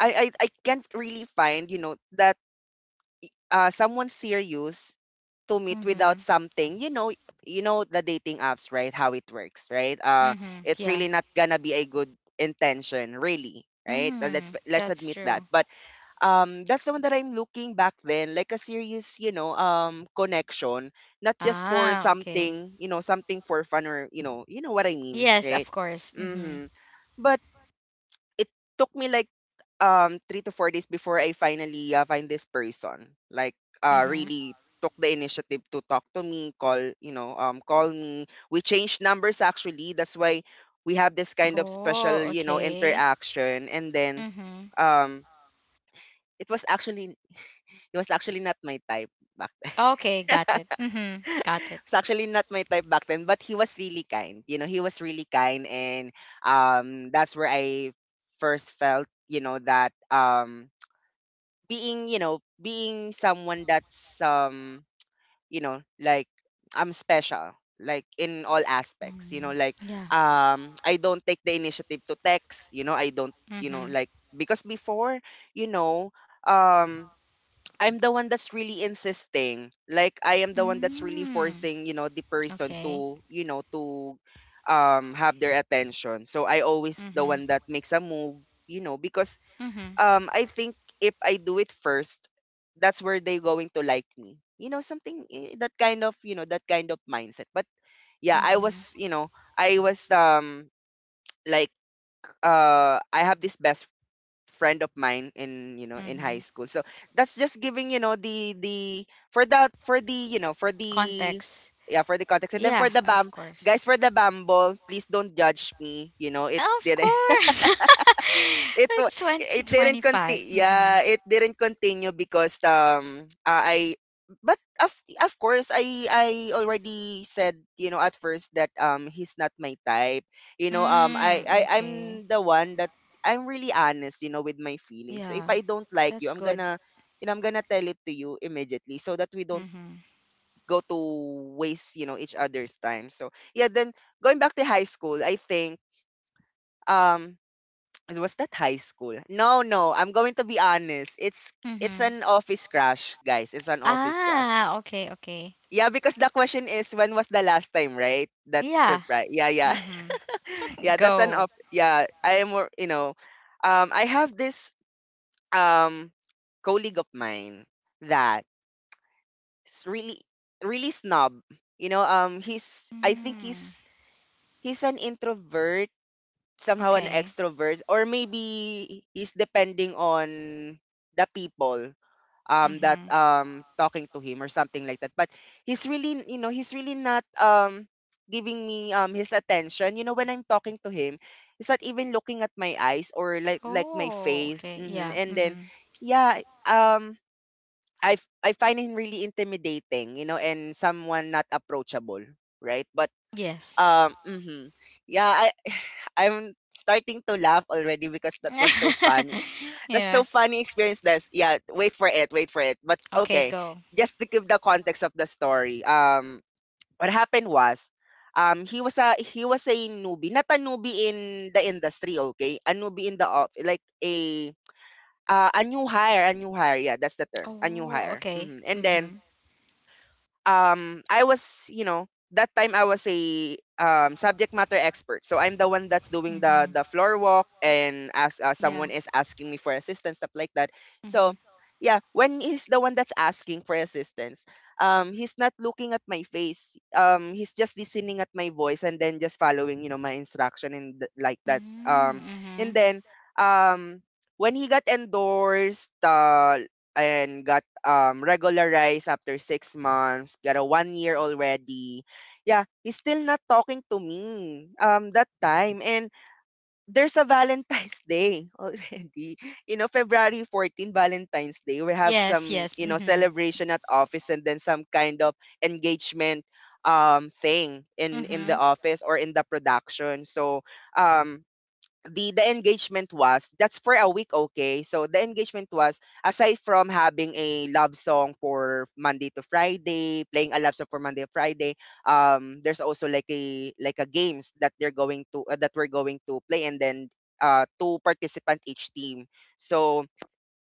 Speaker 1: I can't really find, that someone serious to meet without
Speaker 2: Mhm.
Speaker 1: something. You know the dating apps, right? How it works, right?
Speaker 2: Mhm.
Speaker 1: It's
Speaker 2: Yeah.
Speaker 1: really not gonna be a good intention really. Right? Let's
Speaker 2: Mhm.
Speaker 1: let's
Speaker 2: That's
Speaker 1: admit that.
Speaker 2: true.
Speaker 1: But that's the one that I'm looking back then, like a serious connection, not just for
Speaker 2: Ah, okay.
Speaker 1: something, something for fun, or you know what I mean,
Speaker 2: Yes,
Speaker 1: right?
Speaker 2: of course. Mhm.
Speaker 1: mhm but it took me like 3 to 4 days before I finally find this person, like
Speaker 2: Mhm.
Speaker 1: really took the initiative to talk to me, call you know call me. We changed numbers, actually, that's why we have this kind of
Speaker 2: Oh,
Speaker 1: special
Speaker 2: okay.
Speaker 1: interaction. And then,
Speaker 2: Mhm.
Speaker 1: um it was actually he was actually not my type back then.
Speaker 2: Okay, got it. Mhm. Got
Speaker 1: [laughs]
Speaker 2: it.
Speaker 1: Was actually not my type back then, but he was really kind. He was really kind, and that's where I first felt that being someone that's like I'm special, like in all aspects,
Speaker 2: Mm, yeah.
Speaker 1: I don't take the initiative to text. I don't,
Speaker 2: Mhm.
Speaker 1: because before, you know um I'm the one that's really insisting. Like, I am the one that's really
Speaker 2: Mm.
Speaker 1: forcing, the person
Speaker 2: Okay.
Speaker 1: to have their attention. So, I always the
Speaker 2: Mhm.
Speaker 1: one that makes a move, because
Speaker 2: Mhm.
Speaker 1: I think if I do it first, that's where they going to like me. Something, that kind of mindset. But yeah, I
Speaker 2: Mhm.
Speaker 1: was, I was um like I have this best friend of mine in you know in high
Speaker 2: Mhm.
Speaker 1: school. So that's just giving, you know the for that for the you know for the
Speaker 2: Context.
Speaker 1: yeah, for the context. And then,
Speaker 2: Yeah,
Speaker 1: for the bam
Speaker 2: of
Speaker 1: guys,
Speaker 2: course.
Speaker 1: for the Bumble, please don't judge me. You know it
Speaker 2: Of
Speaker 1: did
Speaker 2: course. [laughs]
Speaker 1: [laughs] it wa
Speaker 2: It's
Speaker 1: it didn't
Speaker 2: 2025.
Speaker 1: conti Yeah,
Speaker 2: Mhm.
Speaker 1: it didn't continue because I but of course, I already said, at first, that he's not my type.
Speaker 2: Mm, okay.
Speaker 1: I'm the one that I'm really honest, with my feelings. If
Speaker 2: Yeah.
Speaker 1: I don't like you,
Speaker 2: That's
Speaker 1: I'm
Speaker 2: good.
Speaker 1: gonna, I'm gonna tell it to you immediately, so that we don't
Speaker 2: Mhm.
Speaker 1: go to waste, each other's time. So yeah, then going back to high school, I think, um was that high school? No, no. I'm going to be honest. It's
Speaker 2: Mhm.
Speaker 1: an office crush, guys. It's an office crush.
Speaker 2: Ah, okay, okay.
Speaker 1: Yeah, because the question is when was the last time, right? That
Speaker 2: Yeah.
Speaker 1: surprise. Yeah, yeah.
Speaker 2: Mhm.
Speaker 1: [laughs]
Speaker 2: [laughs]
Speaker 1: Yeah, that's an
Speaker 2: Go.
Speaker 1: off yeah, I am more, I have this um colleague of mine that is really, really snob. He's I think
Speaker 2: Mm,
Speaker 1: he's an introvert, somehow an
Speaker 2: okay.
Speaker 1: extrovert, or maybe he's depending on the people, that
Speaker 2: Mm-hmm.
Speaker 1: talking to him or something like that. But he's really not giving me his attention, you know, when I'm talking to him. He's not even looking at my eyes, or like my
Speaker 2: Oh,
Speaker 1: face.
Speaker 2: okay. Yeah.
Speaker 1: And then,
Speaker 2: Mm-hmm.
Speaker 1: yeah, um I find him really intimidating, and someone not approachable, right? But
Speaker 2: Yes.
Speaker 1: mhm. Yeah, I [sighs] I'm starting to laugh already because that was so funny.
Speaker 2: [laughs]
Speaker 1: [laughs] That's so
Speaker 2: Yeah.
Speaker 1: funny experience, Des. Yeah, wait for it, wait for it. But
Speaker 2: Okay,
Speaker 1: okay,
Speaker 2: go.
Speaker 1: just to give the context of the story. What happened was, he was a newbie, not a newbie in the industry. Okay, a newbie in the off, like a new hire, a new hire. Yeah, that's the term, a new
Speaker 2: Oh,
Speaker 1: hire.
Speaker 2: okay.
Speaker 1: And then,
Speaker 2: Mm-hmm.
Speaker 1: I was, you know, that time I was a subject matter expert. So I'm the one that's doing the
Speaker 2: Mm-hmm.
Speaker 1: the floor walk, and as
Speaker 2: Yeah.
Speaker 1: someone is asking me for assistance, stuff like that. So
Speaker 2: Mm-hmm.
Speaker 1: yeah, when he's the one that's asking for assistance, he's not looking at my face. He's just listening at my voice and then just following my instruction and like that. And
Speaker 2: Mm-hmm.
Speaker 1: then, um when he got endorsed, and got regularized after 6 months, got a one year already. Yeah, he's still not talking to me, that time. And there's a Valentine's [laughs] Day already. February 14, Valentine's Day. We have
Speaker 2: Yes,
Speaker 1: some
Speaker 2: yes. Mm-hmm.
Speaker 1: celebration at office, and then some kind of engagement thing in
Speaker 2: Mm-hmm.
Speaker 1: the office, or in the production. So, um the engagement was that's for a week. Okay, so the engagement was, aside from having a love song for monday to friday playing a love song for Monday to Friday, there's also like a games that they're going to that we're going to play, and then two participant each team. So,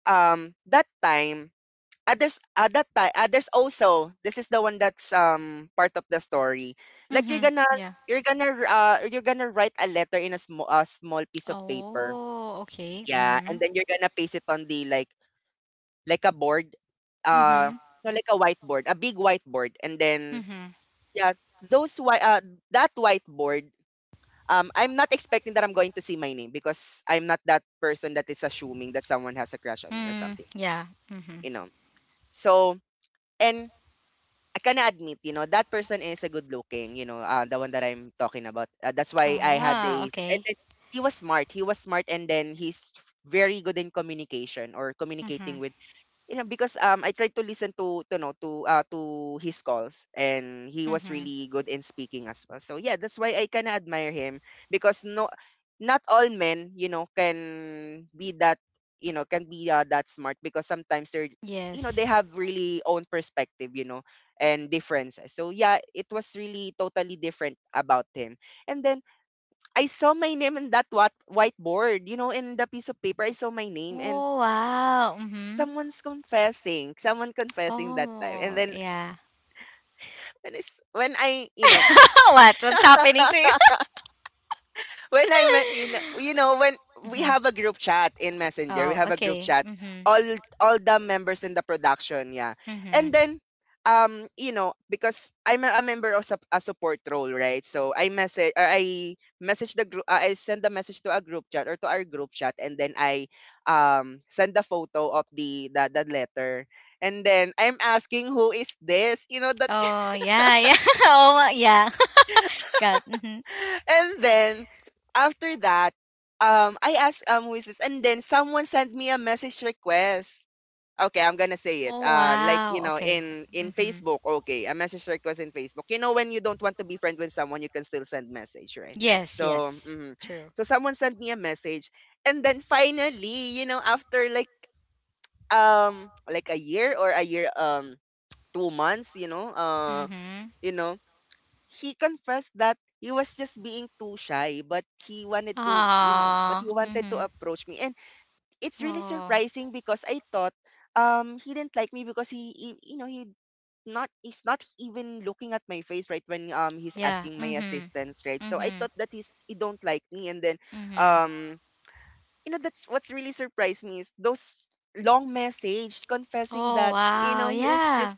Speaker 1: that time, others, at that time, others also, this is the one that's part of the story. Like, you're
Speaker 2: Mm-hmm.
Speaker 1: gonna
Speaker 2: Yeah.
Speaker 1: you're gonna uh you're gonna write a letter in a small piece of paper.
Speaker 2: Oh, okay.
Speaker 1: Yeah,
Speaker 2: Mm-hmm.
Speaker 1: and then you're gonna paste it on the, like a board, uh
Speaker 2: Mm-hmm.
Speaker 1: no, like a big whiteboard. And then,
Speaker 2: Mm-hmm.
Speaker 1: yeah, those whi- uh that whiteboard, I'm not expecting that I'm going to see my name, because I'm not that person that is assuming that someone has a crush on me or
Speaker 2: Mm,
Speaker 1: something,
Speaker 2: yeah. Mm-hmm.
Speaker 1: you know. So, and I can admit, that person is a good looking, the one that I'm talking about. That's why I had a,
Speaker 2: Ah,
Speaker 1: and
Speaker 2: okay.
Speaker 1: then he was smart. He was smart, and then he's very good in communication, or communicating
Speaker 2: Mm-hmm.
Speaker 1: because, I tried to listen to his calls, and he was
Speaker 2: Mm-hmm.
Speaker 1: really good in speaking as well. So yeah, that's why I kinda admire him, because not all men, you know, can be that. Can be, that smart, because sometimes they're, they
Speaker 2: Yes.
Speaker 1: have really own perspective, and differences. So yeah, it was really totally different about him. And then I saw my name in that what whiteboard, in the piece of paper. I saw my name, and
Speaker 2: Oh, wow. Mm-hmm.
Speaker 1: someone confessing that time. And
Speaker 2: Oh,
Speaker 1: then,
Speaker 2: yeah.
Speaker 1: when I s when I, you know,
Speaker 2: [laughs] What? What's happening to you?
Speaker 1: when I met you know when
Speaker 2: [laughs]
Speaker 1: we
Speaker 2: Hmm.
Speaker 1: have a group chat in Messenger, we
Speaker 2: Oh,
Speaker 1: have a group
Speaker 2: okay.
Speaker 1: chat,
Speaker 2: Hmm.
Speaker 1: all all the members in the production, yeah. And
Speaker 2: Hmm.
Speaker 1: then, because I'm a member of a support role, right? So, I message the group, I send a message to a group chat, or to our group chat, and then I send the photo of the letter. And then I'm asking, who is this? You know that
Speaker 2: Oh, yeah, yeah. [laughs] Oh, yeah. [laughs] God. Hmm.
Speaker 1: [laughs] And then, after that, I asked, who is this? And then someone sent me a message request. Okay, I'm gonna say it.
Speaker 2: Oh,
Speaker 1: Like
Speaker 2: wow. Okay.
Speaker 1: in
Speaker 2: Hmm.
Speaker 1: Facebook, okay, a message request in Facebook. You know, when you don't want to be friend with someone, you can still send message, right?
Speaker 2: Yes,
Speaker 1: So,
Speaker 2: yes.
Speaker 1: mhm.
Speaker 2: True.
Speaker 1: So someone sent me a message, and then finally, after like a year, or a year, 2 months
Speaker 2: Mm-hmm.
Speaker 1: you know, he confessed that he was just being too shy, but he wanted to, you know, but
Speaker 2: Ah.
Speaker 1: he wanted to
Speaker 2: Mm-hmm.
Speaker 1: approach me. And it's really
Speaker 2: Oh,
Speaker 1: surprising because I thought, he didn't like me, because he you know, he not he's not even looking at my face, right, when he's
Speaker 2: yeah.
Speaker 1: asking my
Speaker 2: Mm-hmm.
Speaker 1: assistance, right? So I
Speaker 2: Mm-hmm.
Speaker 1: thought that he don't like me. And then,
Speaker 2: Mm-hmm.
Speaker 1: um that's what's really surprised me, is those long message confessing
Speaker 2: Oh,
Speaker 1: that,
Speaker 2: wow.
Speaker 1: he was
Speaker 2: Yeah.
Speaker 1: just...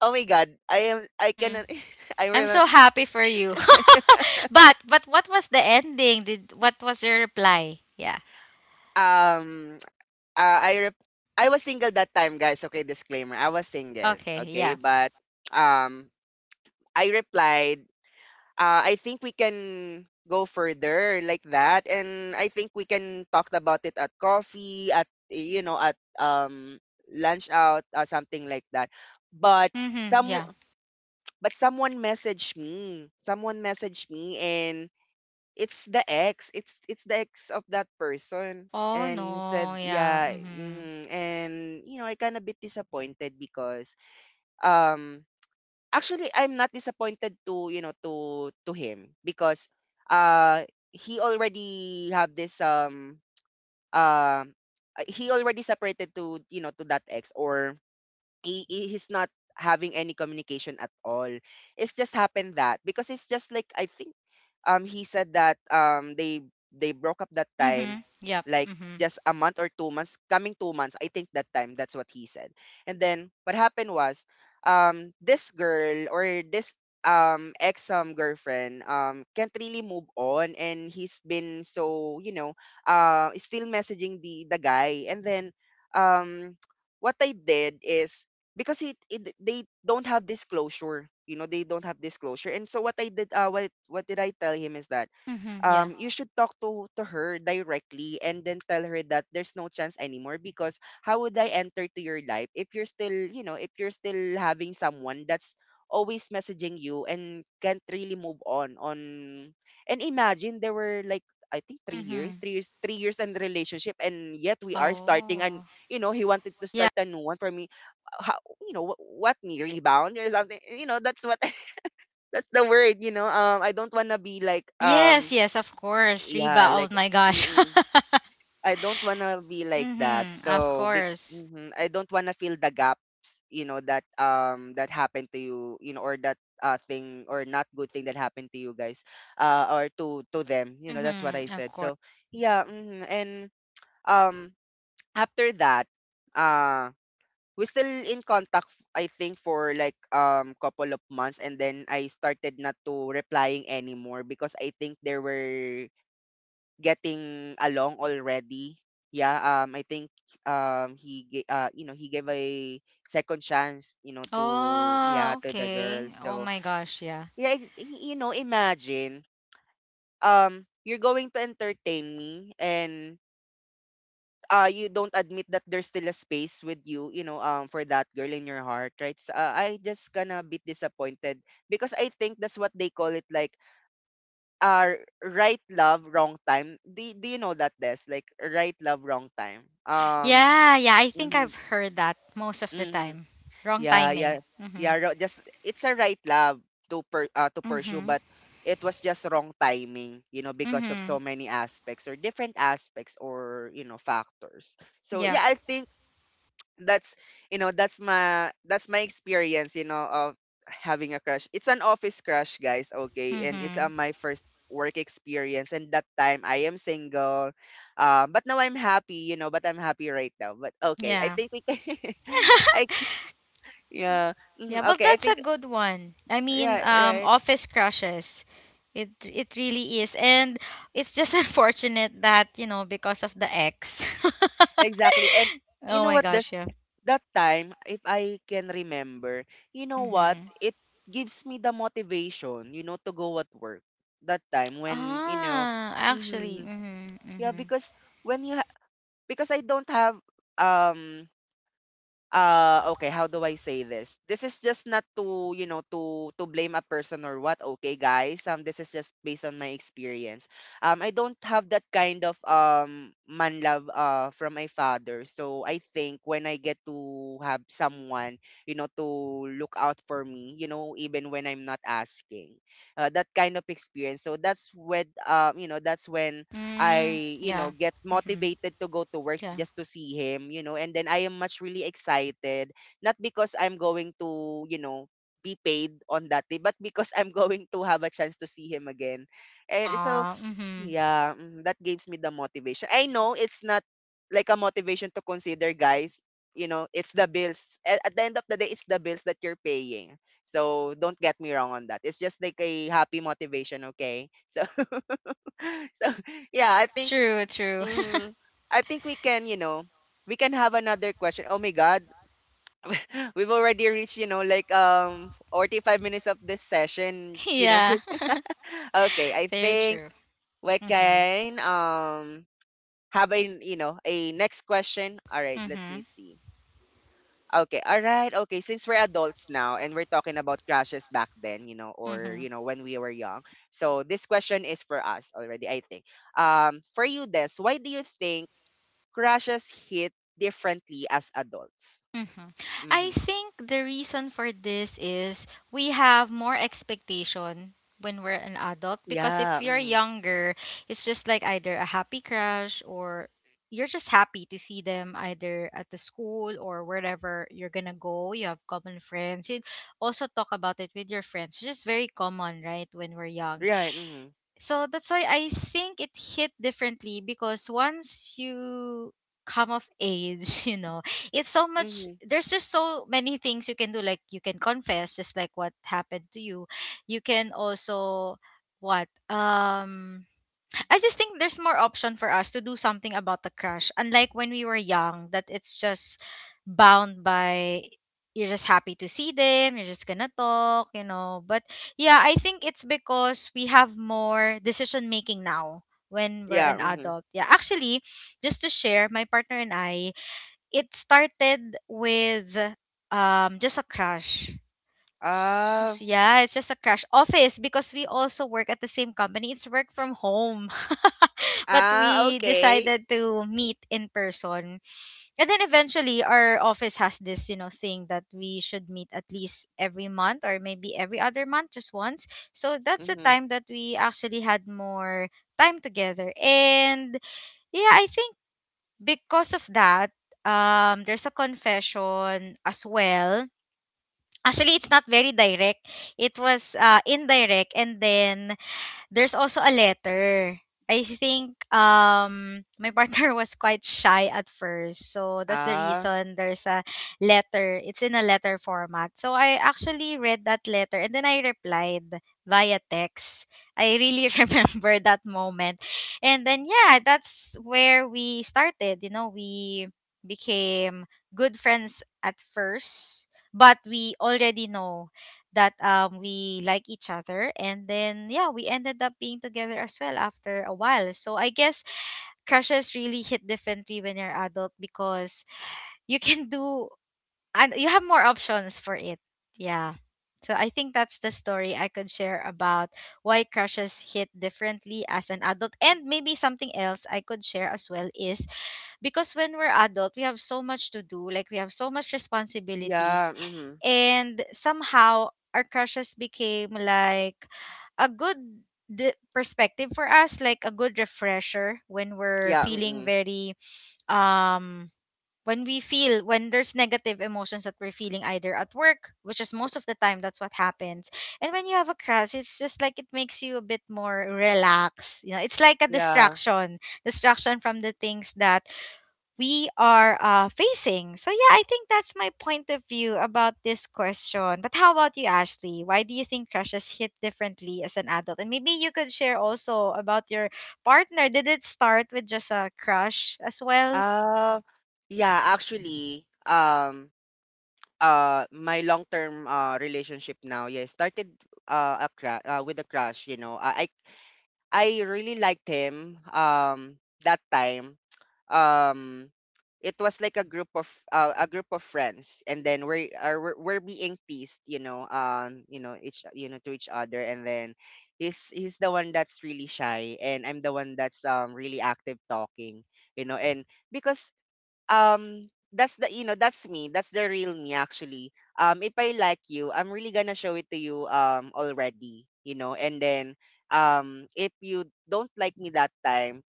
Speaker 1: Oh my God, I
Speaker 2: Mm-hmm.
Speaker 1: cannot [laughs] I
Speaker 2: I'm
Speaker 1: remember,
Speaker 2: so happy for you. [laughs] But what was the ending? Did what was your reply? Yeah.
Speaker 1: um uh, I rep- I was single that time, guys. Okay, disclaimer. I was single.
Speaker 2: Okay,
Speaker 1: Okay,
Speaker 2: yeah.
Speaker 1: but um, I replied, I think we can go further like that, and I think we can talk about it at coffee, at at lunch out, or something like that. But
Speaker 2: Mhm,
Speaker 1: some,
Speaker 2: yeah.
Speaker 1: someone messaged me. Someone messaged me, and it's the ex. It's the ex of that person.
Speaker 2: Oh
Speaker 1: And
Speaker 2: no,
Speaker 1: said,
Speaker 2: yeah.
Speaker 1: yeah,
Speaker 2: Mhm.
Speaker 1: mhm." And I kind of bit disappointed because um actually I'm not disappointed to, to him, because uh he already have this um he already separated to, that ex, or he's not having any communication at all. It's just happened that, because it's just like, I think, he said that, they broke up that time,
Speaker 2: Mhm. Yep.
Speaker 1: like
Speaker 2: Mhm.
Speaker 1: just a month or 2 months, coming 2 months, I think, that time. That's what he said. And then what happened was this girl or this ex girlfriend can't really move on and he's been so still messaging the guy and then um what I did is because it they don't have disclosure, you know, they don't have disclosure. And so what I did what did I tell him is that
Speaker 2: Mhm, yeah.
Speaker 1: you should talk to her directly and then tell her that there's no chance anymore, because how would I enter to your life if you're still, you know, if you're still having someone that's always messaging you and can't really move on and imagine there were like, I think, 3
Speaker 2: Mhm.
Speaker 1: years 3 years 3 years in the relationship, and yet we are starting, and
Speaker 2: Oh.
Speaker 1: you know, he wanted to
Speaker 2: Yeah.
Speaker 1: start a new one for me. How, you know wh- what me rebound or something, you know? That's what [laughs] that's the word. I don't want to be like,
Speaker 2: Yes, yes, of course.
Speaker 1: yeah
Speaker 2: Reba. Oh
Speaker 1: like
Speaker 2: my gosh. [laughs]
Speaker 1: mm-mm. I don't want to be like that.
Speaker 2: Mhm. Of course.
Speaker 1: I don't want to fill the gaps, you know, that that happened to you, you know, or that thing, or not good thing, that happened to you guys, or to them, you know. That's what I
Speaker 2: Mhm. Of
Speaker 1: said.
Speaker 2: course.
Speaker 1: So yeah. Mhm. And um after that, uh, we still in contact I think for like couple of months, and then I started not to replying anymore because I think they were getting along already. Yeah. I think you know, he gave a second chance, you know, to,
Speaker 2: Oh,
Speaker 1: yeah, to the
Speaker 2: okay.
Speaker 1: girls.
Speaker 2: Oh
Speaker 1: So
Speaker 2: my gosh, yeah.
Speaker 1: yeah, you know, imagine you're going to entertain me and you don't admit that there's still a space with you, you know, for that girl in your heart, right? So, I just gonna be disappointed because I think that's what they call it, like, uh right love wrong time. Do you know that? This, like, right love wrong time.
Speaker 2: Yeah, yeah, I think
Speaker 1: Mhm,
Speaker 2: I've heard that most of the
Speaker 1: mhm.
Speaker 2: time. Wrong
Speaker 1: Yeah, yeah,
Speaker 2: timing.
Speaker 1: yeah,
Speaker 2: Mhm.
Speaker 1: just it's a right love to to pursue,
Speaker 2: Mhm.
Speaker 1: but it was just wrong timing, you know, because of so
Speaker 2: Mhm.
Speaker 1: many aspects, or different aspects, or, you know, factors. So
Speaker 2: Yeah.
Speaker 1: yeah, I think that's, you know, that's my, that's my experience, you know, of having a crush. It's an office crush, guys, okay? And it's
Speaker 2: Mhm.
Speaker 1: on my first work experience, and that time I am single. But now I'm happy, you know. But I'm happy right now. But okay, I
Speaker 2: Yeah.
Speaker 1: think we can [laughs] I yeah
Speaker 2: Yeah,
Speaker 1: mhm,
Speaker 2: well
Speaker 1: okay, I
Speaker 2: that's a
Speaker 1: think
Speaker 2: good one. I mean,
Speaker 1: right, right.
Speaker 2: office crushes. It really is. And it's just [laughs] unfortunate that, you know, because of the ex. [laughs]
Speaker 1: Exactly. And you
Speaker 2: Oh
Speaker 1: know
Speaker 2: my
Speaker 1: what?
Speaker 2: gosh,
Speaker 1: This,
Speaker 2: yeah.
Speaker 1: that time, if I can remember, you know what?
Speaker 2: Mhm.
Speaker 1: It gives me the motivation, you know, to go at work. That time when, you know,
Speaker 2: Ah, actually.
Speaker 1: hmm,
Speaker 2: Mhm.
Speaker 1: yeah,
Speaker 2: Mhm.
Speaker 1: because when you ha- because I don't have um okay, how do I say this? This is just not to, you know, to blame a person or what, okay guys? This is just based on my experience. I don't have that kind of man love from my father. So I think when I get to have someone, you know, to look out for me, you know, even when I'm not asking, that kind of experience. So that's when, you know, that's when
Speaker 2: Mm,
Speaker 1: I, you know,
Speaker 2: yeah.
Speaker 1: get
Speaker 2: Mhm.
Speaker 1: motivated to go to work
Speaker 2: Yeah.
Speaker 1: just to see him, you know, and then I am much really excited, not because I'm going to, you know, be paid on that day, but because I'm [laughs] going to have a chance to see him again. And so,
Speaker 2: Ah, mhm.
Speaker 1: yeah, mm, that gives me the motivation. I know it's not like a motivation to consider, guys. You know, it's the bills. At the end of the day, it's the bills that you're paying. So don't get me wrong on that. It's just like a happy motivation, okay? So, [laughs] so yeah, I think.
Speaker 2: True, true. [laughs]
Speaker 1: Mhm. I think we can, you know, we can have another question. Oh my God, [laughs] we've already reached, you know, like 45 minutes of this session, you know.
Speaker 2: Yeah.
Speaker 1: [laughs]
Speaker 2: [laughs]
Speaker 1: Okay, I
Speaker 2: Very
Speaker 1: think
Speaker 2: true.
Speaker 1: we
Speaker 2: Mhm.
Speaker 1: can have a, you know, a next question. All right, let me
Speaker 2: Mhm.
Speaker 1: see. Okay, all right. Okay, since we're adults now and we're talking about crushes back then, you know, or,
Speaker 2: Mhm.
Speaker 1: you know, when we were young. So this question is for us already, I think. Um, for you, Des, why do you think crashes hit differently as adults?
Speaker 2: Mhm. I
Speaker 1: Mm-hmm.
Speaker 2: think the reason for this is we have more expectation when we're an adult because if
Speaker 1: Yeah.
Speaker 2: you're
Speaker 1: Mm-hmm.
Speaker 2: younger, it's just like either a happy crush or you're just happy to see them either at the school or wherever you're gonna go. You have common friends. You also talk about it with your friends, which is very common, right? When we're young,
Speaker 1: Right. Mm-hmm.
Speaker 2: so that's why I think it hit differently because once you come of age, [laughs] you know, it's so much
Speaker 1: Mm-hmm.
Speaker 2: there's just so many things you can do. Like you can confess just like what happened to you. You can also what? I just think there's more option for us to do something about the crush. Unlike when we were young, that it's just bound by you're just happy to see them, you're just gonna talk, you know. But yeah, I think it's because we have more decision making now when we're
Speaker 1: Yeah.
Speaker 2: an
Speaker 1: Mm-hmm.
Speaker 2: adult. Yeah, actually, just to share, my partner and I, it started with just a crush.
Speaker 1: Ah.
Speaker 2: S yeah, it's just a crash. Office, because we also work at the same company. It's work from home. [laughs] But
Speaker 1: Ah,
Speaker 2: we
Speaker 1: okay.
Speaker 2: decided to meet in person. And then eventually our office has this, you know, thing that we should meet at least every month or maybe every other month just once. So that's the
Speaker 1: Mm-hmm.
Speaker 2: time that we actually had more time together. And yeah, I think because of that, there's a confession as well. Actually, it's not very direct. It was indirect, and then there's also a letter. I think my partner [laughs] was quite shy at first. So that's the
Speaker 1: Ah.
Speaker 2: reason there's a letter. It's in a letter format. So I actually read that letter and then I replied via text. I really [laughs] remember that moment. And then yeah, that's where we started. You know, we became good friends at first, but we already know that we like each other, and then yeah, we ended up being together as well after a while. So I guess crushes really hit differently when you're adult because you can do and you have more options for it. Yeah, so I think that's the story I could share about why crushes hit differently as an adult. And maybe something else I could share as well is because when we're adult we have so much to do, like we have so much responsibilities,
Speaker 1: Yeah. Mm-hmm.
Speaker 2: and somehow our crushes became like a good d- perspective for us, like a good refresher when we're
Speaker 1: Yeah.
Speaker 2: feeling
Speaker 1: Mm-hmm.
Speaker 2: very um when we feel when there's negative emotions that we're feeling either at work, which is most of the time, that's what happens. And when you have a crush it's just like it makes you a bit more relaxed, you know, it's like a
Speaker 1: Yeah.
Speaker 2: distraction. Distraction from the things that we are facing. So, yeah, I think that's my point of view about this question. But how about you, Ashley? Why do you think crushes hit differently as an adult? And maybe you could share also about your partner. Did it start with just a crush as well?
Speaker 1: Ah, yeah. Actually. My long-term relationship now, yeah, started with a crush. You know, I really liked him that time. Um it was like a group of a group of friends, and then we're being teased, you know, you know, to each other. And then he's the one that's really shy and I'm the one that's really active talking, you know. And because um that's the, you know, that's me, that's the real me actually. If I like you, I'm really gonna show it to you, already, you know. And then if you don't like me that time,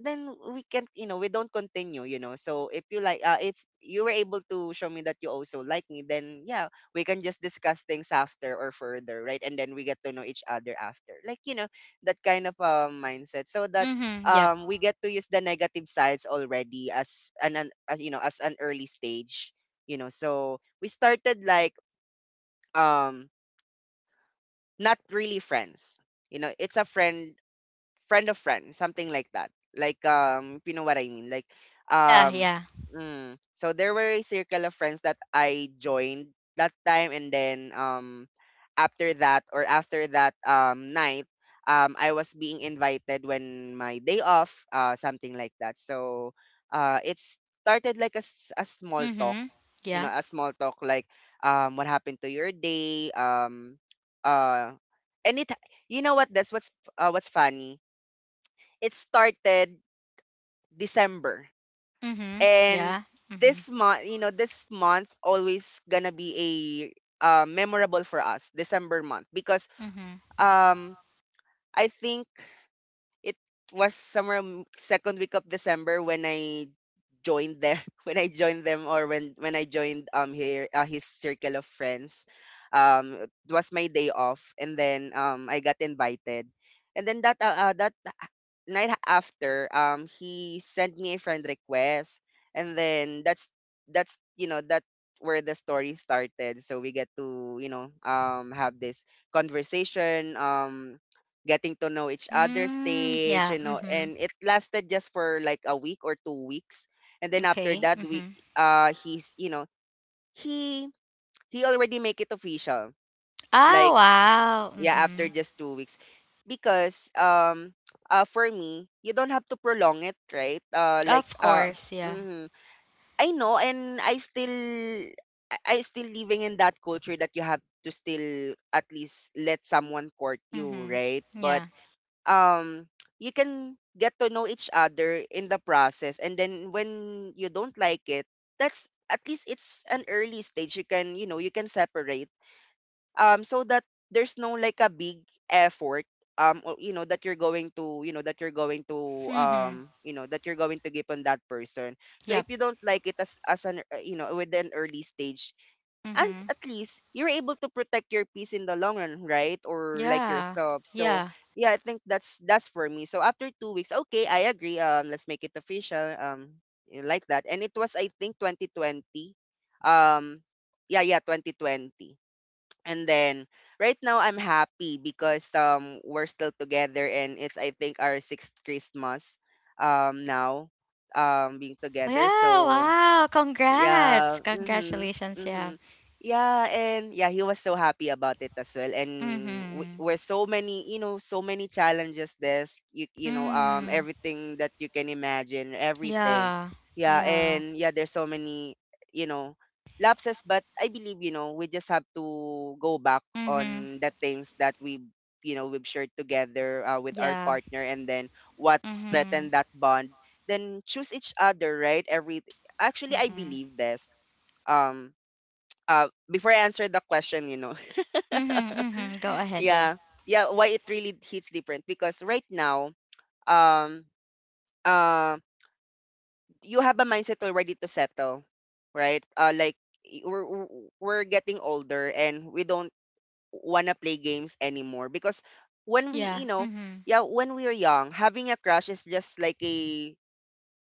Speaker 1: then we can't, you know, we don't continue, you know. So if you like, if you were able to show me that you also like me, then yeah, we can just discuss things after, or further, right? And then we get to know each other after, like, you know, that kind of mindset. So that
Speaker 2: Mm-hmm. Yep.
Speaker 1: we get to use the negative sides already as an as, you know, as an early stage, you know. So we started like um not really friends, you know, it's a friend, friend of friend, something like that. Like if you know what I mean.
Speaker 2: Yeah,
Speaker 1: Um,
Speaker 2: yeah.
Speaker 1: mm, so there were a circle of friends that I joined that time. And then after that, or after that night, I was being invited when my day off, something like that. So it started like a, a small talk,
Speaker 2: Mm-hmm.
Speaker 1: you know,
Speaker 2: Yeah.
Speaker 1: a small talk like what happened to your day, uh, and it, you know what, that's what's funny, it started December.
Speaker 2: Mm-hmm.
Speaker 1: And
Speaker 2: Yeah. Mm-hmm.
Speaker 1: this month, you know, this month always gonna be a, memorable for us, December month. Because
Speaker 2: Mm-hmm.
Speaker 1: um I think it was somewhere second week of December when I joined them, [laughs] when I joined them, or when I joined here, his circle of friends. It was my day off, and then I got invited, and then that that night, after he sent me a friend request. And then that's, you know, that where the story started. So we get to, you know, have this conversation, getting to know each other
Speaker 2: Mm,
Speaker 1: stage,
Speaker 2: yeah.
Speaker 1: you know.
Speaker 2: Mm-hmm.
Speaker 1: And it lasted just for like a week or two weeks, and then after
Speaker 2: Okay.
Speaker 1: that we
Speaker 2: Mm-hmm.
Speaker 1: he's, you know, he he already make it official,
Speaker 2: Oh,
Speaker 1: like,
Speaker 2: wow.
Speaker 1: yeah,
Speaker 2: Mm-hmm.
Speaker 1: after just two weeks. Because for me, you don't have to prolong it, right?
Speaker 2: Of course, yeah.
Speaker 1: Mhm. I know, and I still living in that culture that you have to still at least let someone court you, right?
Speaker 2: Mm-hmm.
Speaker 1: But
Speaker 2: Yeah.
Speaker 1: um you can get to know each other in the process. And then when you don't like it, that's, at least it's an early stage, you can, you know, you can separate, so that there's no like a big effort, or, you know that you're going to, you know that you're going to
Speaker 2: Mm-hmm.
Speaker 1: you know that you're going to give on that person. So if
Speaker 2: Yep.
Speaker 1: you don't like it as an, you know, with an early stage, and
Speaker 2: Mm-hmm.
Speaker 1: at least you're able to protect your peace in the long run, right, or like
Speaker 2: Yeah.
Speaker 1: yourself. So
Speaker 2: Yeah.
Speaker 1: yeah, I think that's for me. So after two weeks, okay, I agree, let's make it official. Like that. And it was, I think, 2020, um yeah, yeah, 2020. And then right now I'm happy because we're still together, and it's, I think, our sixth Christmas, now, being together.
Speaker 2: Yeah.
Speaker 1: So
Speaker 2: Wow.
Speaker 1: yeah.
Speaker 2: Congrats.
Speaker 1: Mhm.
Speaker 2: Congratulations. Yeah.
Speaker 1: Mhm. Yeah, and yeah, he was so happy about it as well. And
Speaker 2: Mm-hmm.
Speaker 1: were so many, you know, so many challenges. This, you know,
Speaker 2: Mm.
Speaker 1: everything that you can imagine, everything.
Speaker 2: Yeah.
Speaker 1: Yeah,
Speaker 2: Yeah.
Speaker 1: and yeah, there's so many, you know, lapses. But I believe, you know, we just have to go back
Speaker 2: Mm-hmm.
Speaker 1: on the things that we, you know, we've shared together, with our
Speaker 2: Yeah.
Speaker 1: partner. And then what
Speaker 2: Mm-hmm.
Speaker 1: strengthened that bond, then choose each other, right? Every, actually, I
Speaker 2: Mm-hmm.
Speaker 1: believe this. Um before I answer the question, you know.
Speaker 2: Mm-hmm. Mm-hmm. Go
Speaker 1: [laughs]
Speaker 2: ahead. Yeah.
Speaker 1: Yeah. Yeah, why it really hits different? Because right now, um uh you have a mindset already to settle, right? Like we're we're getting older and we don't want to play games anymore because when we,
Speaker 2: Yeah.
Speaker 1: you know,
Speaker 2: Mm-hmm.
Speaker 1: yeah, when we were young, having a crush is just like a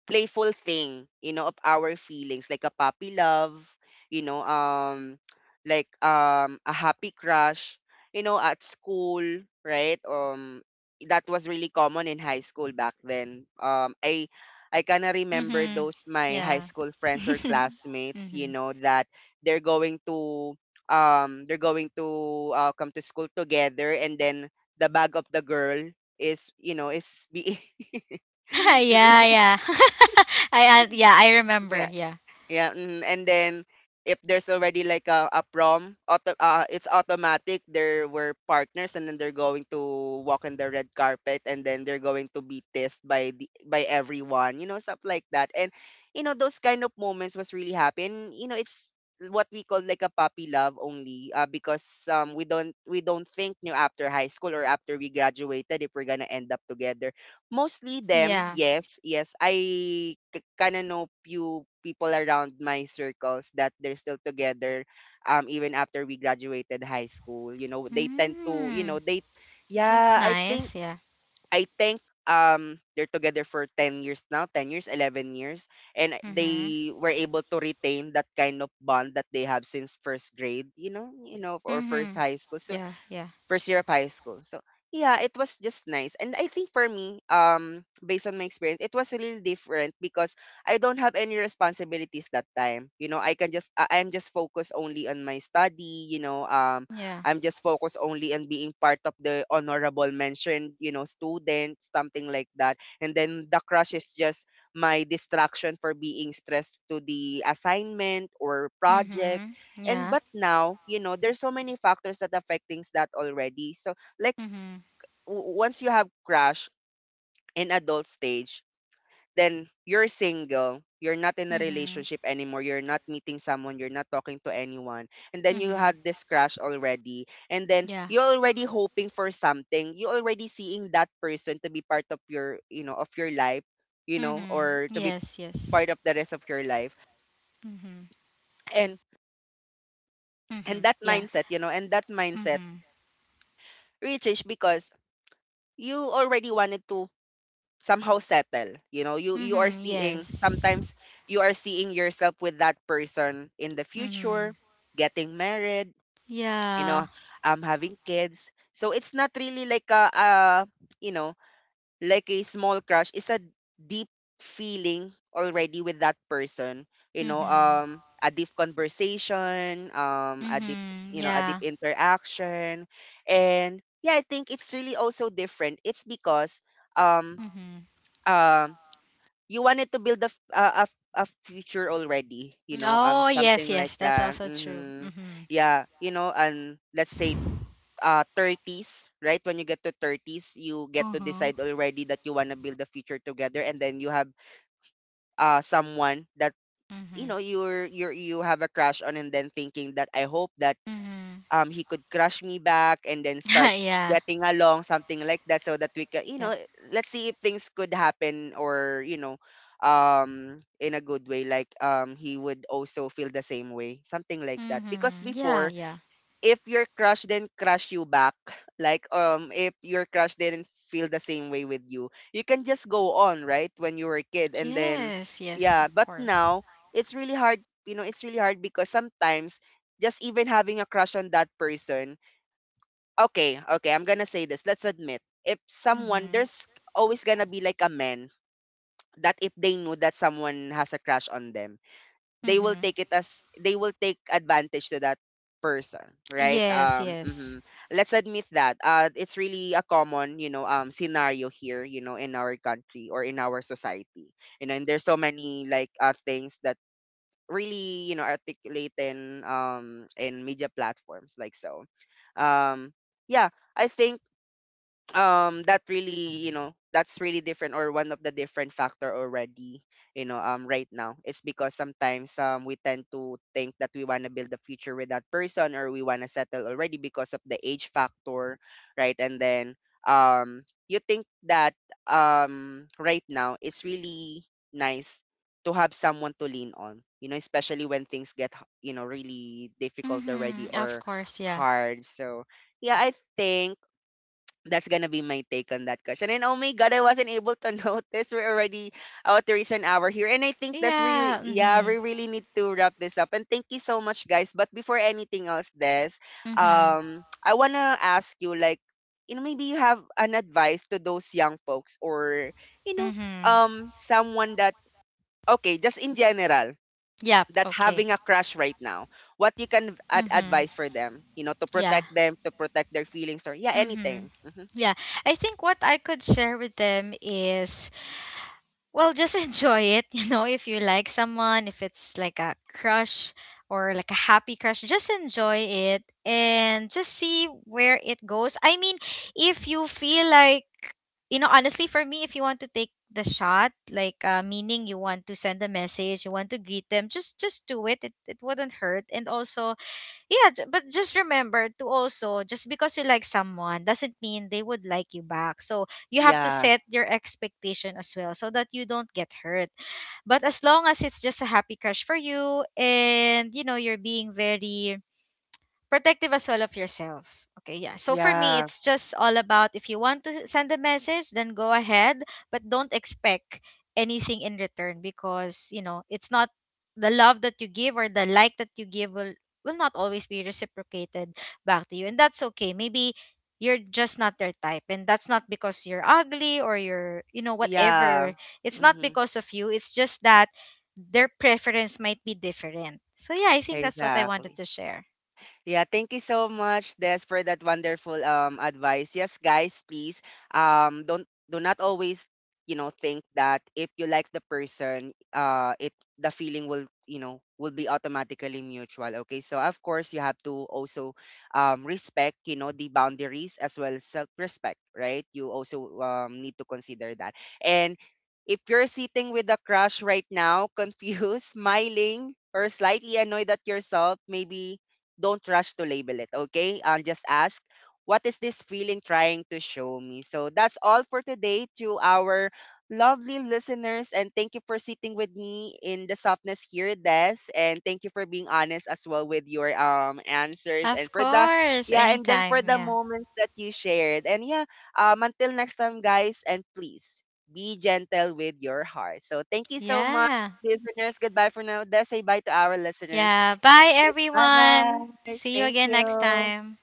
Speaker 1: playful thing, of our feelings, like a puppy love, you know, um, like a happy crush, you know, at school, right? That was really common in high school back then. I kind of remember
Speaker 2: Mm-hmm.
Speaker 1: those my high
Speaker 2: Yeah.
Speaker 1: school
Speaker 2: [laughs]
Speaker 1: friends or classmates, you
Speaker 2: Mm-hmm.
Speaker 1: know, that they're going to they're going to come to school together and then the bag of the girl is is be
Speaker 2: [laughs]
Speaker 1: [laughs] is being-
Speaker 2: Yeah. Yeah. [laughs] I, yeah. I
Speaker 1: [laughs]
Speaker 2: remember.
Speaker 1: yeah
Speaker 2: Yeah.
Speaker 1: yeah, and then if there's already like a prom, auto, it's automatic. There were partners, and then they're going to walk on the red carpet, and then they're going to be tested by the by everyone, you know, stuff like that. And you know, those kind of moments was really happy, and you know, it's what we call like a puppy love only, because we don't think new after high school or after we graduated if we're gonna end up together. Mostly them,
Speaker 2: Yeah.
Speaker 1: yes, yes. I kind of know few people around my circles that they're still together even after we graduated high school. You know, they tend to, you know,
Speaker 2: Mm. That's
Speaker 1: I think
Speaker 2: nice. Yeah.
Speaker 1: I think they're together for 10 years now, 10 years, 11 years, and
Speaker 2: Mm-hmm.
Speaker 1: they were able to retain that kind of bond that they have since first grade, you know, or first
Speaker 2: Mhm.
Speaker 1: high school. So
Speaker 2: Yeah, yeah.
Speaker 1: first year of high school. So yeah, it was just nice. And I think for me, based on my experience, it was really different because I don't have any responsibilities that time. You know, I can just I'm just focused only on my study,
Speaker 2: Yeah.
Speaker 1: I'm just focused only on being part of the honorable mention, you know, student, something like that. And then the crush is just my distraction for being stressed to the assignment or project.
Speaker 2: Mhm.
Speaker 1: And
Speaker 2: Yeah.
Speaker 1: but now you know there's so many factors that affect things that already, so like
Speaker 2: Mhm.
Speaker 1: once you have crush in adult stage, then you're single, you're not in a
Speaker 2: Mhm.
Speaker 1: relationship anymore, you're not meeting someone, you're not talking to anyone, and then you
Speaker 2: Mhm.
Speaker 1: had this crush already and then
Speaker 2: Yeah.
Speaker 1: you're already hoping for something, you're already seeing that person to be part of your, you know, of your life, you know,
Speaker 2: Mhm.
Speaker 1: or to be
Speaker 2: Yes, yes.
Speaker 1: part of the rest of your life.
Speaker 2: Mhm.
Speaker 1: and and
Speaker 2: Mhm.
Speaker 1: that
Speaker 2: Yeah.
Speaker 1: mindset you know and that mindset
Speaker 2: Mhm.
Speaker 1: really changed because you already wanted to somehow settle, you know, you are
Speaker 2: Mhm.
Speaker 1: seeing
Speaker 2: Yes.
Speaker 1: sometimes you are seeing yourself with that person in the future,
Speaker 2: Mhm.
Speaker 1: getting married, you
Speaker 2: Yeah.
Speaker 1: know, having kids, so it's not really like a you know like a small crush. Is a deep feeling already with that person, you know,
Speaker 2: Mhm.
Speaker 1: a deep conversation, a deep,
Speaker 2: Mhm.
Speaker 1: you know, a deep
Speaker 2: Yeah.
Speaker 1: interaction. And yeah, I think it's really also different. It's because um
Speaker 2: Mhm.
Speaker 1: um you wanted to build a future already, you know,
Speaker 2: Oh,
Speaker 1: something
Speaker 2: yes,
Speaker 1: like
Speaker 2: yes. That's
Speaker 1: that.
Speaker 2: also true.
Speaker 1: Hmm,
Speaker 2: Mhm.
Speaker 1: yeah, you know, and let's say 30s, right? When you get to 30s, you get to decide
Speaker 2: Mhm.
Speaker 1: already that you want to build a future together, and then you have someone that, you know,
Speaker 2: Mhm.
Speaker 1: you're you have a crush on, and then thinking that I hope that
Speaker 2: Mhm.
Speaker 1: he could crush me back and then start
Speaker 2: [laughs] Yeah.
Speaker 1: getting along, something like that, so that we can, you know,
Speaker 2: Yep.
Speaker 1: let's see if things could happen or, you know, in a good way, like he would also feel the same way, something like that. Because
Speaker 2: Mhm. Yeah,
Speaker 1: before,
Speaker 2: yeah.
Speaker 1: if your crush didn't crush you back, like if your crush didn't feel the same way with you, you can just go on, right? When you were a kid. And then
Speaker 2: Yes, yes,
Speaker 1: yeah,
Speaker 2: of
Speaker 1: but
Speaker 2: course.
Speaker 1: now it's really hard, you know, it's really hard because sometimes just even having a crush on that person, okay, okay, I'm gonna say this. Let's admit, if someone,
Speaker 2: Mm-hmm.
Speaker 1: there's always gonna be like a man that if they know that someone has a crush on them, they will
Speaker 2: Mm-hmm.
Speaker 1: take it as, they will take advantage to that person, right?
Speaker 2: Yes, yes.
Speaker 1: Mhm. Let's admit that it's really a common, you know, scenario here, you know, in our country or in our society, you know. And there's so many like things that really, you know, articulate in media platforms like, so um yeah, I think that really, you know, that's really different or one of the different factor already, you know. Right now, it's because sometimes we tend to think that we want to build a future with that person, or we want to settle already because of the age factor, right? And then um you think that right now it's really nice to have someone to lean on, you know, especially when things get you know really difficult already
Speaker 2: Mm-hmm. Of
Speaker 1: or
Speaker 2: course, yeah.
Speaker 1: hard. So yeah, I think that's gonna be my take on that question. And oh my god, I wasn't able to [laughs] notice we're already out to reach an hour here. And I think that's
Speaker 2: Yeah.
Speaker 1: really, yeah,
Speaker 2: Mm-hmm.
Speaker 1: we really need to wrap this up. And thank you so much, guys. But before anything else, Des,
Speaker 2: Mm-hmm.
Speaker 1: I wanna ask you like, you know, maybe you have an advice to those young folks, or you know,
Speaker 2: Mm-hmm.
Speaker 1: someone that, okay, just in general,
Speaker 2: Yep,
Speaker 1: that
Speaker 2: okay.
Speaker 1: having a crush right now, what you can
Speaker 2: Mm-hmm.
Speaker 1: advise for them, you know, to
Speaker 2: Yeah.
Speaker 1: protect them, to protect their feelings, or yeah,
Speaker 2: Mm-hmm.
Speaker 1: anything. Hmm,
Speaker 2: Yeah. I think what I could share with them is well, just enjoy it. [laughs] You know, if you like someone, if it's like a crush or like a happy crush, just enjoy it and just see where it goes. I mean, if you feel like, you know, honestly, for me, if you want to take the shot, like meaning you want to send a message, you want to greet them, just do it. It wouldn't hurt. And also, yeah, j- but just remember to, also just because you like someone doesn't mean they would like you back, so you have to
Speaker 1: yeah.
Speaker 2: set your expectation as well so that you don't get hurt. But as long as it's just a happy crush for you and you know you're being very protective as well of yourself. Okay, yeah. So for me,
Speaker 1: Yeah,
Speaker 2: it's just all about if you want to send a message, then go ahead, but don't expect anything in return because, you know, it's not the love that you give or the like that you give will not always be reciprocated back to you. And that's okay. Maybe you're just not their type, and that's not because you're ugly or you're, you know,
Speaker 1: yeah.
Speaker 2: whatever. It's not
Speaker 1: Mhm.
Speaker 2: because of you. It's just that their preference might be different. So yeah, I think that's what I wanted
Speaker 1: Exactly.
Speaker 2: to share.
Speaker 1: Yeah, thank you so much, Des, for that wonderful advice. Yes, guys, please don't, do not always, you know, think that if you like the person, it, the feeling will, you know, will be automatically mutual. Okay, so of course you have to also respect, you know, the boundaries as well as self respect, right? You also need to consider that. And if you're sitting with a crush right now, [laughs] confused, smiling, or slightly annoyed at yourself, maybe don't rush to label it, okay? Just ask, what is this feeling trying to show me? So that's all for today to our lovely listeners. And thank you for sitting with me in the softness here, Des. And thank you for being honest as well with your answers, and
Speaker 2: Of
Speaker 1: for the,
Speaker 2: course,
Speaker 1: yeah, and then for
Speaker 2: anytime.
Speaker 1: the
Speaker 2: Yeah.
Speaker 1: moments that you shared. And yeah, until next time, guys, and please be gentle with your heart. So thank you so much,
Speaker 2: Yeah.
Speaker 1: listeners. Goodbye for now. Des, say bye to our listeners.
Speaker 2: Yeah. Bye,
Speaker 1: Goodbye,
Speaker 2: everyone.
Speaker 1: guys.
Speaker 2: See you
Speaker 1: Thank
Speaker 2: again next
Speaker 1: you.
Speaker 2: time.